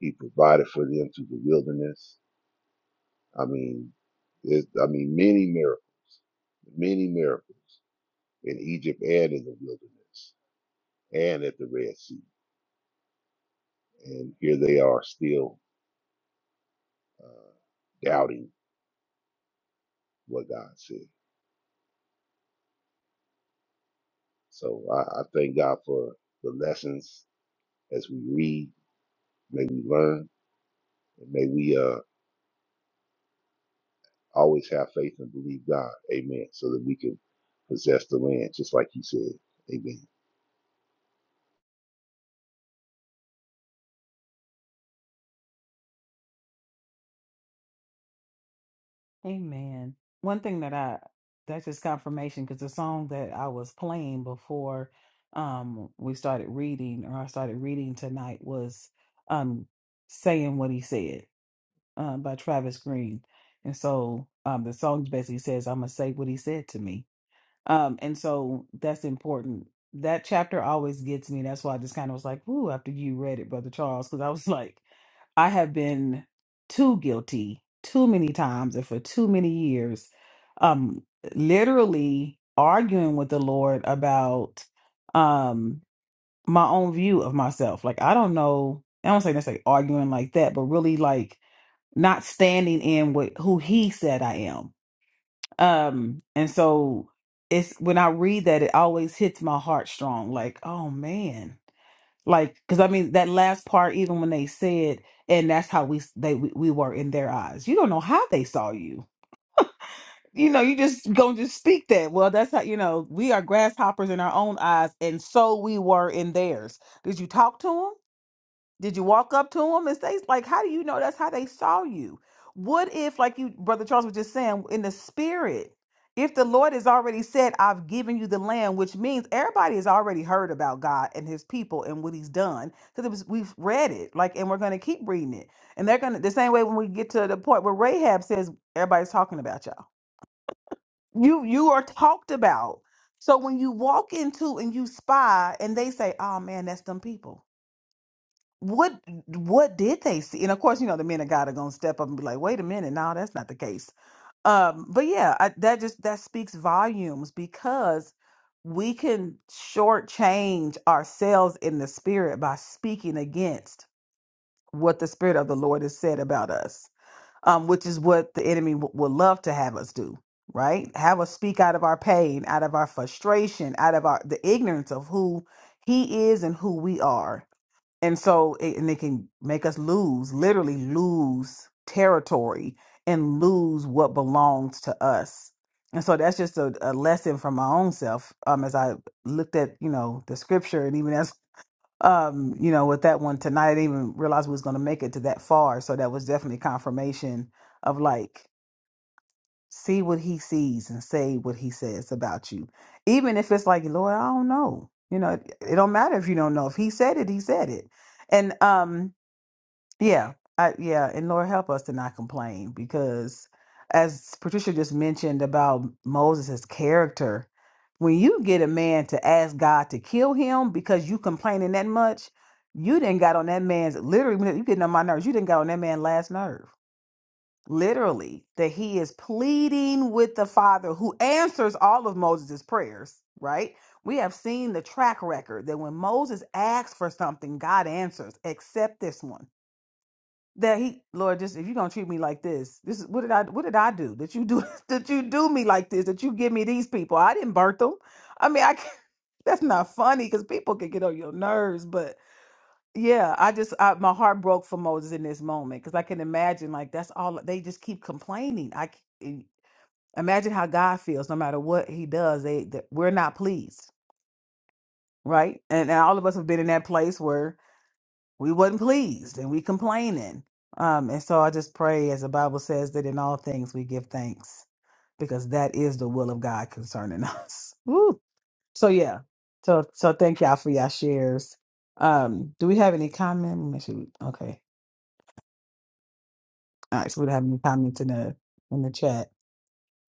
Speaker 4: He provided for them through the wilderness I mean, it, I mean, many miracles, many miracles in Egypt and in the wilderness and at the Red Sea, and here they are still uh, doubting what God said. So I, I thank God for the lessons as we read, may we learn, and may we uh, always have faith and believe God. Amen. So that we can possess the land, just like He said. Amen.
Speaker 1: Amen. One thing that I that's just confirmation because the song that I was playing before um we started reading or I started reading tonight was um saying what he said um, by Travis Green. And so um, the song basically says, I'm going to say what he said to me. Um, and so that's important. That chapter always gets me. That's why I just kind of was like, ooh, after you read it, Brother Charles, because I was like, I have been too guilty too many times and for too many years, um, literally arguing with the Lord about um, my own view of myself. Like, I don't know. I don't say necessarily arguing like that, but really like not standing in with who he said I am. Um, and so it's when I read that, it always hits my heart strong. Like, oh man, like because I mean that last part, even when they said, and that's how we they we, we were in their eyes. You don't know how they saw you. You know, you just gonna just speak that. Well, that's how you know we are grasshoppers in our own eyes, and so we were in theirs. Did you talk to them? Did you walk up to them and say, like, how do you know that's how they saw you? What if, like you, Brother Charles was just saying, in the spirit, if the Lord has already said, I've given you the land, which means everybody has already heard about God and his people and what he's done. Because we've read it, like, and we're gonna keep reading it. And they're gonna the same way when we get to the point where Rahab says, Everybody's talking about y'all. You you are talked about. So when you walk into and you spy and they say, Oh man, that's them people what what did they see? And of course, you know the men of God are gonna step up and be like, "Wait a minute, no, that's not the case." Um, but yeah, I, that just that speaks volumes because we can shortchange ourselves in the spirit by speaking against what the spirit of the Lord has said about us, um, which is what the enemy w- would love to have us do. Right? Have us speak out of our pain, out of our frustration, out of our the ignorance of who he is and who we are and so it, and it can make us lose literally lose territory and lose what belongs to us and so that's just a, a lesson from my own self um as i looked at you know the scripture and even as um you know with that one tonight i didn't even realize we was going to make it to that far so that was definitely confirmation of like see what he sees and say what he says about you even if it's like lord i don't know you know it, it don't matter if you don't know if he said it he said it and um yeah, I, yeah, and Lord help us to not complain because, as Patricia just mentioned about Moses' character, when you get a man to ask God to kill him because you complaining that much, you didn't got on that man's literally. You getting on my nerves. You didn't got on that man's last nerve. Literally, that he is pleading with the Father who answers all of Moses' prayers. Right? We have seen the track record that when Moses asks for something, God answers, except this one that he lord just if you're gonna treat me like this this is what did i what did i do that you do that you do me like this that you give me these people i didn't birth them i mean i can't, that's not funny because people can get on your nerves but yeah i just I, my heart broke for moses in this moment because i can imagine like that's all they just keep complaining i c- e, imagine how god feels no matter what he does they, that we're not pleased right and, and all of us have been in that place where we wasn't pleased and we complaining. Um, and so I just pray, as the Bible says, that in all things we give thanks because that is the will of God concerning us. Woo. So yeah, so so thank y'all for y'all shares. Um, do we have any comment? Let me see. Okay, all right. So we don't have any comments in the in the chat.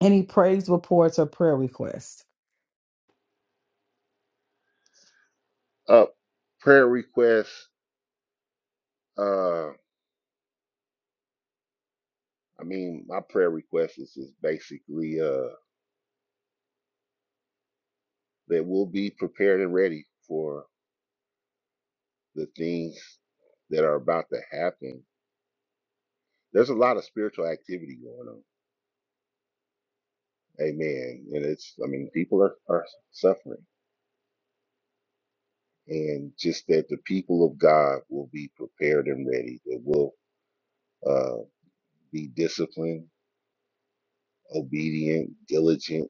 Speaker 1: Any praise reports or prayer requests?
Speaker 4: Up prayer requests. Uh, I mean, my prayer request is, is basically uh, that we'll be prepared and ready for the things that are about to happen. There's a lot of spiritual activity going on. Amen. And it's, I mean, people are, are suffering. And just that the people of God will be prepared and ready, that will uh, be disciplined, obedient, diligent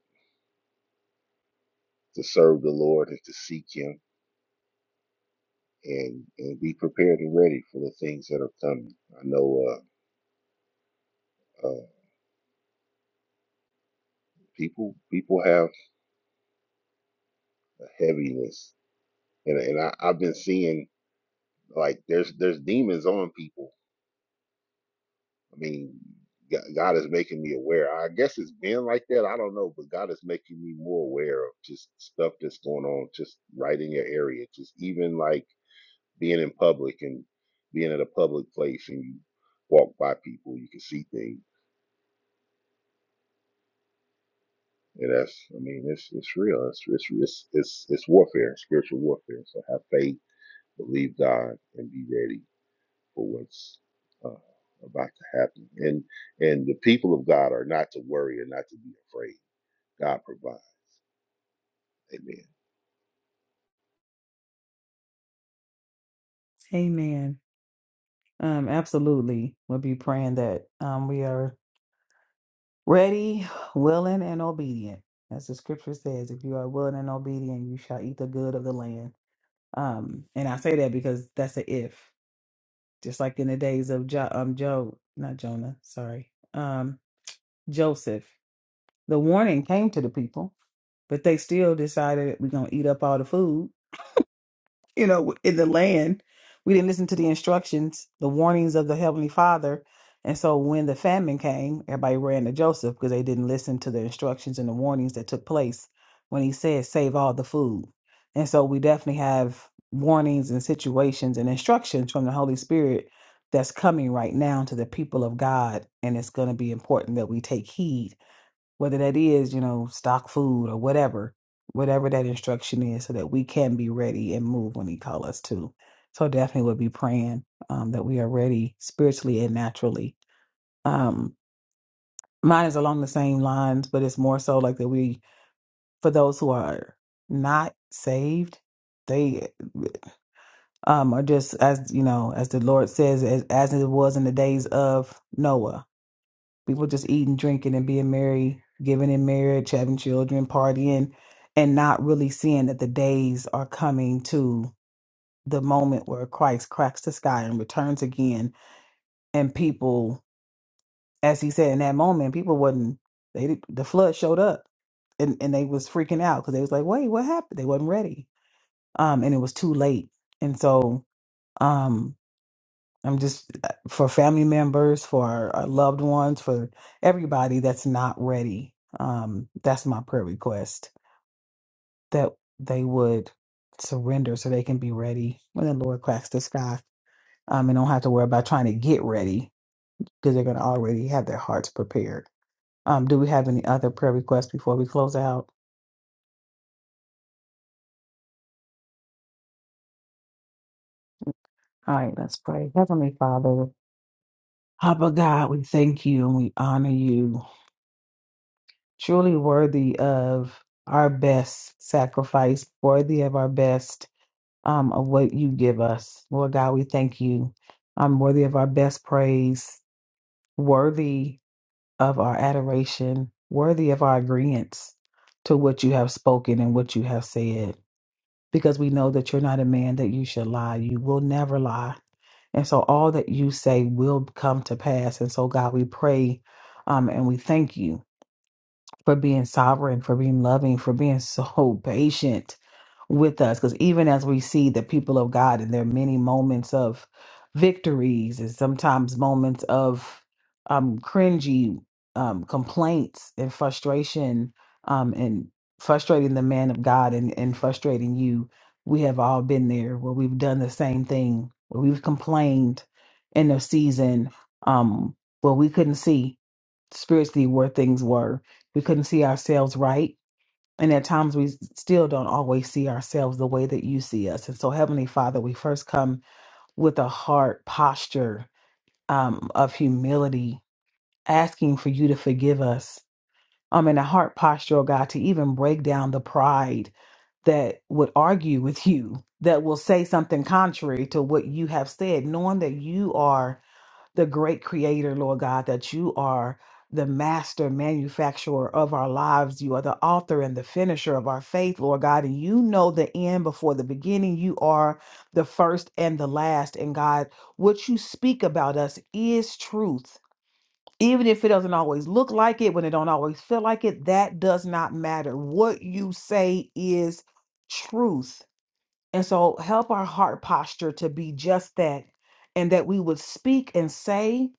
Speaker 4: to serve the Lord and to seek Him and, and be prepared and ready for the things that are coming. I know. Uh, uh, people people have a heaviness and and I, I've been seeing like there's there's demons on people. I mean, G- God is making me aware. I guess it's been like that. I don't know, but God is making me more aware of just stuff that's going on, just right in your area. Just even like being in public and being at a public place and you walk by people, you can see things. And that's, I mean, it's it's real. It's it's it's it's, it's warfare, spiritual warfare. So have faith, believe God, and be ready for what's uh, about to happen. And and the people of God are not to worry and not to be afraid. God provides. Amen.
Speaker 1: Amen. Um, absolutely. We'll be praying that um we are Ready, willing, and obedient. As the scripture says, if you are willing and obedient, you shall eat the good of the land. Um, and I say that because that's a if. Just like in the days of jo- um Joe, not Jonah, sorry, um, Joseph. The warning came to the people, but they still decided we're gonna eat up all the food. you know, in the land. We didn't listen to the instructions, the warnings of the Heavenly Father. And so when the famine came, everybody ran to Joseph because they didn't listen to the instructions and the warnings that took place when he said, save all the food. And so we definitely have warnings and situations and instructions from the Holy Spirit that's coming right now to the people of God. And it's going to be important that we take heed whether that is, you know, stock food or whatever, whatever that instruction is, so that we can be ready and move when He calls us to. So definitely we'll be praying um, that we are ready spiritually and naturally. Um, mine is along the same lines, but it's more so like that we, for those who are not saved, they um, are just as you know, as the Lord says, as, as it was in the days of Noah people just eating, drinking, and being merry, giving in marriage, having children, partying, and not really seeing that the days are coming to the moment where Christ cracks the sky and returns again. And people, as he said in that moment, people wasn't they did- the flood showed up and, and they was freaking out because they was like, wait, what happened? They wasn't ready. Um, and it was too late. And so um. I'm just uh, for family members, for our, our loved ones, for everybody that's not ready. Um, that's my prayer request that they would surrender so they can be ready when the Lord cracks the sky. Um, and don't have to worry about trying to get ready because they're going to already have their hearts prepared. Um, do we have any other prayer requests before we close out? All right, let's pray. Heavenly Father, Abba God, we thank you and we honor you. truly worthy of our best sacrifice, worthy of our best um, of what you give us. Lord God, we thank you. I'm worthy of our best praise, worthy of our adoration, worthy of our agreements to what you have spoken and what you have said, because we know that you're not a man that you should lie. You will never lie. And so all that you say will come to pass. And so, God, we pray um, and we thank you for being sovereign, for being loving, for being so patient with us. Because even as we see the people of God in their many moments of victories and sometimes moments of um, cringy um, complaints and frustration um, and frustrating the man of God and, and frustrating you, we have all been there where we've done the same thing, where we've complained in a season um, where we couldn't see spiritually where things were. We couldn't see ourselves right. And at times we s- still don't always see ourselves the way that you see us. And so, Heavenly Father, we first come with a heart posture um, of humility, asking for you to forgive us. Um, and a heart posture, oh God, to even break down the pride that would argue with you, that will say something contrary to what you have said, knowing that you are the great creator, Lord God, that you are the master manufacturer of our lives. You are the author and the finisher of our faith, Lord God. And you know the end before the beginning. You are the first and the last. And God, what you speak about us is truth. Even if it doesn't always look like it, when it don't always feel like it, that does not matter. What you say is truth. And so help our heart posture to be just that, and that we would speak and say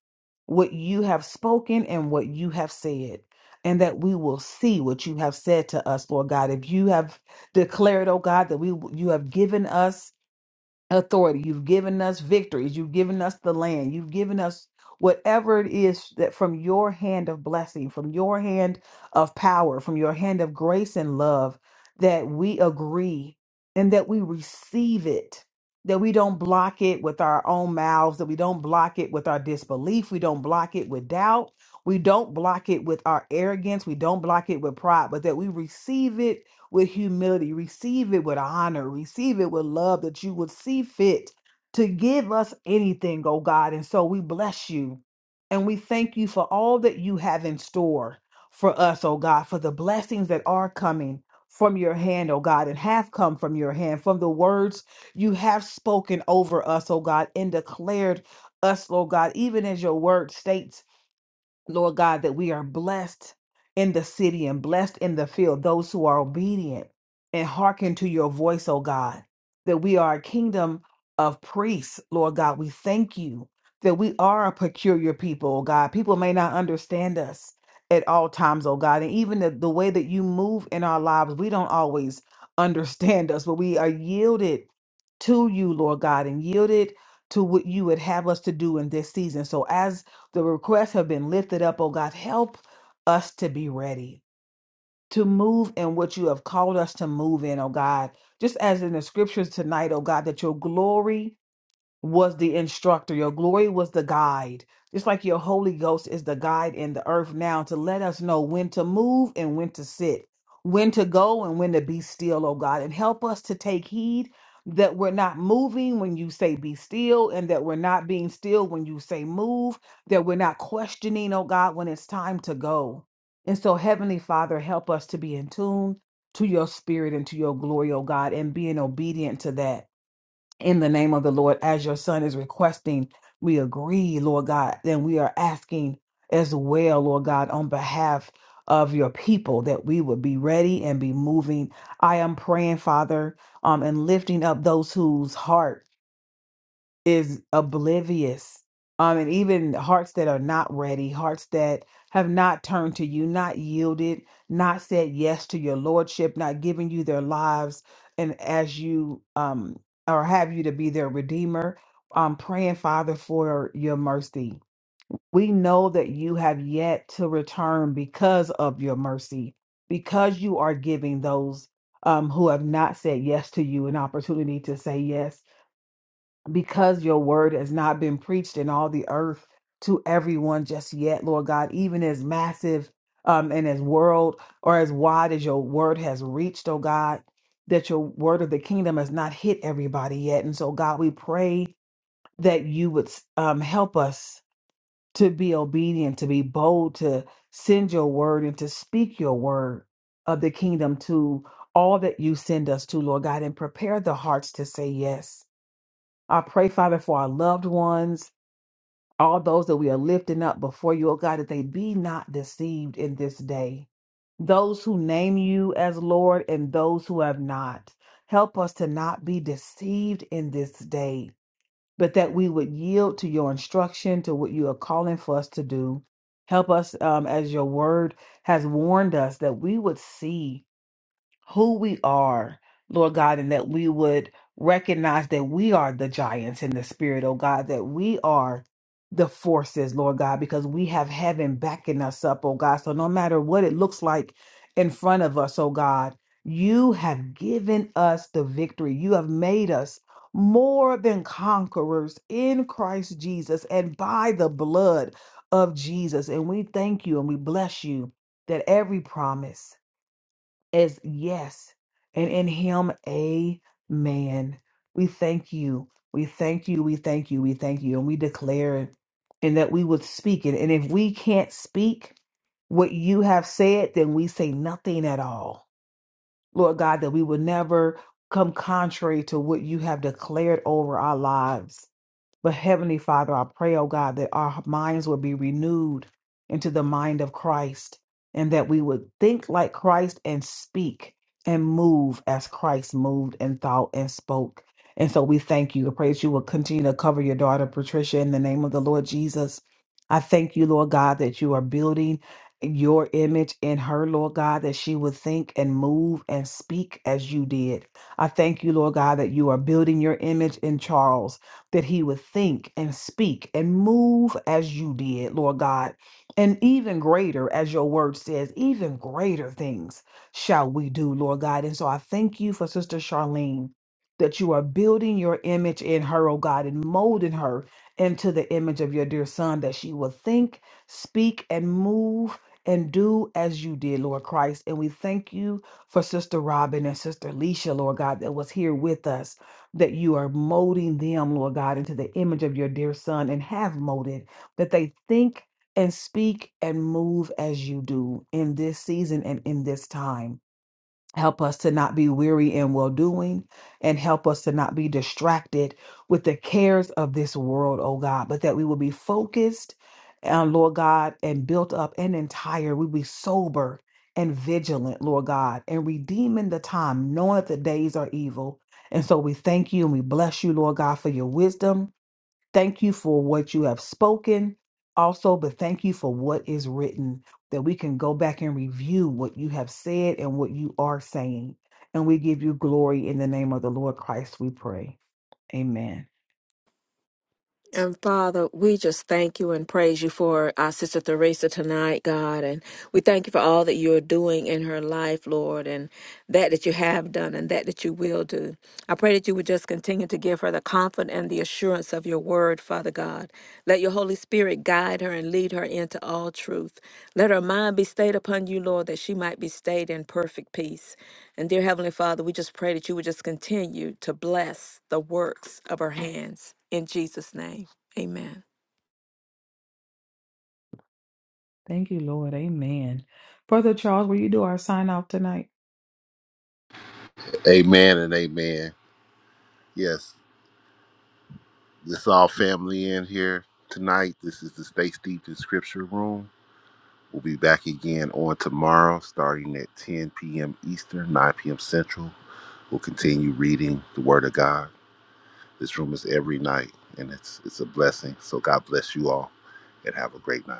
Speaker 1: what you have spoken and what you have said, and that we will see what you have said to us, Lord God. If you have declared, oh God, that we you have given us authority. You've given us victories. You've given us the land. You've given us whatever it is that from your hand of blessing, from your hand of power, from your hand of grace and love, that we agree and that we receive it. That we don't block it with our own mouths, that we don't block it with our disbelief, we don't block it with doubt, we don't block it with our arrogance, we don't block it with pride, but that we receive it with humility, receive it with honor, receive it with love that you would see fit to give us anything, oh God. And so we bless you and we thank you for all that you have in store for us, oh God, for the blessings that are coming from your hand, oh God, and have come from your hand, from the words you have spoken over us, oh God, and declared us, Lord God, even as your word states. Lord God, that we are blessed in the city and blessed in the field, those who are obedient and hearken to your voice, O God, that we are a kingdom of priests, Lord God. We thank you that we are a peculiar people, O God. People may not understand us at all times, O God. And even the, the way that you move in our lives, we don't always understand us, but we are yielded to you, Lord God, and yielded to what you would have us to do in this season. So as the requests have been lifted up, oh God. Help us to be ready to move in what you have called us to move in, oh God. Just as in the scriptures tonight, oh God, that your glory was the instructor. Your glory was the guide. Just like your Holy Ghost is the guide in the earth now to let us know when to move and when to sit, when to go and when to be still, oh God. And help us to take heed that we're not moving when you say be still and that we're not being still when you say move, that we're not questioning, oh God, when it's time to go. And so, Heavenly Father, help us to be in tune to your spirit and to your glory, oh God, and being obedient to that in the name of the Lord, as your son is requesting, we agree, Lord God, then we are asking as well, Lord God, on behalf of your people that we would be ready and be moving. I am praying, Father, um, and lifting up those whose heart is oblivious. Um, and even hearts that are not ready, hearts that have not turned to you, not yielded, not said yes to your lordship, not given you their lives, and as you um or have you to be their redeemer, um, praying, Father, for your mercy. We know that you have yet to return because of your mercy, because you are giving those um, who have not said yes to you an opportunity to say yes because your word has not been preached in all the earth to everyone just yet, Lord God, even as massive um, and as world or as wide as your word has reached, oh God, that your word of the kingdom has not hit everybody yet. And so, God, we pray that you would um, help us to be obedient, to be bold, to send your word and to speak your word of the kingdom to all that you send us to, Lord God, and prepare the hearts to say yes I pray, Father, for our loved ones, all those that we are lifting up before you, oh God, that they be not deceived in this day. Those who name you as Lord and those who have not. Help us to not be deceived in this day, but that we would yield to your instruction, to what you are calling for us to do. Help us, um, as your word has warned us, that we would see who we are, Lord God, and that we would recognize that we are the giants in the spirit, oh God, that we are the forces, Lord God, because we have heaven backing us up, oh God. So no matter what it looks like in front of us, oh God, you have given us the victory. You have made us more than conquerors in Christ Jesus and by the blood of Jesus. And we thank you and we bless you that every promise as yes, and in him, amen. We thank you. We thank you. We thank you. We thank you. And we declare it and that we would speak it. And if we can't speak what you have said, then we say nothing at all. Lord God, that we would never come contrary to what you have declared over our lives but Heavenly Father, I pray, oh God, that our minds would be renewed into the mind of Christ and that we would think like Christ and speak and move as Christ moved and thought and spoke. And so we thank you. I pray that you will continue to cover your daughter, Patricia, in the name of the Lord Jesus. I thank you, Lord God, that you are building your image in her, Lord God, that she would think and move and speak as you did. I thank you, Lord God, that you are building your image in Charles that he would think and speak and move as you did, Lord God. And even greater, as your word says, even greater things shall we do, Lord God. And so I thank you for Sister Charlene that you are building your image in her, oh God, and molding her into the image of your dear son, that she will think, speak, and move and do as you did, Lord Christ. And we thank you for Sister Robin and Sister Leisha, Lord God, that was here with us that you are molding them, Lord God, into the image of your dear son and have molded, that they think and speak and move as you do in this season and in this time. Help us to not be weary in well doing and help us to not be distracted with the cares of this world, oh God, but that we will be focused on, Lord God, and built up and entire. We'll be sober and vigilant, Lord God, and redeeming the time, knowing that the days are evil. And so we thank you and we bless you, Lord God, for your wisdom. Thank you for what you have spoken also, but thank you for what is written, that we can go back and review what you have said and what you are saying. And we give you glory in the name of the Lord Christ, we pray. Amen.
Speaker 3: And Father, we just thank you and praise you for our sister Theresa tonight, God. And we thank you for all that you're doing in her life, Lord. And that that you have done and that that you will do. I pray that you would just continue to give her the comfort and the assurance of your word, Father God. Let your Holy Spirit guide her and lead her into all truth. Let her mind be stayed upon you, Lord, that she might be stayed in perfect peace. And dear Heavenly Father, we just pray that you would just continue to bless the works of her hands. In Jesus' name, amen.
Speaker 1: Thank you, Lord. Amen. Brother Charles, will you do our sign off tonight?
Speaker 4: Amen and amen. Yes, this is all family in here tonight. This is the Stay Steeped in Scripture Room. We'll be back again on tomorrow, starting at 10 p.m. Eastern, 9 p.m. Central. We'll continue reading the Word of God. This room is every night, and it's it's a blessing. So God bless you all, and have a great night.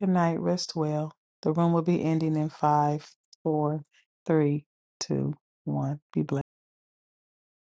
Speaker 1: Good night. Rest well. The room will be ending in five, four, three, two, one. Be blessed.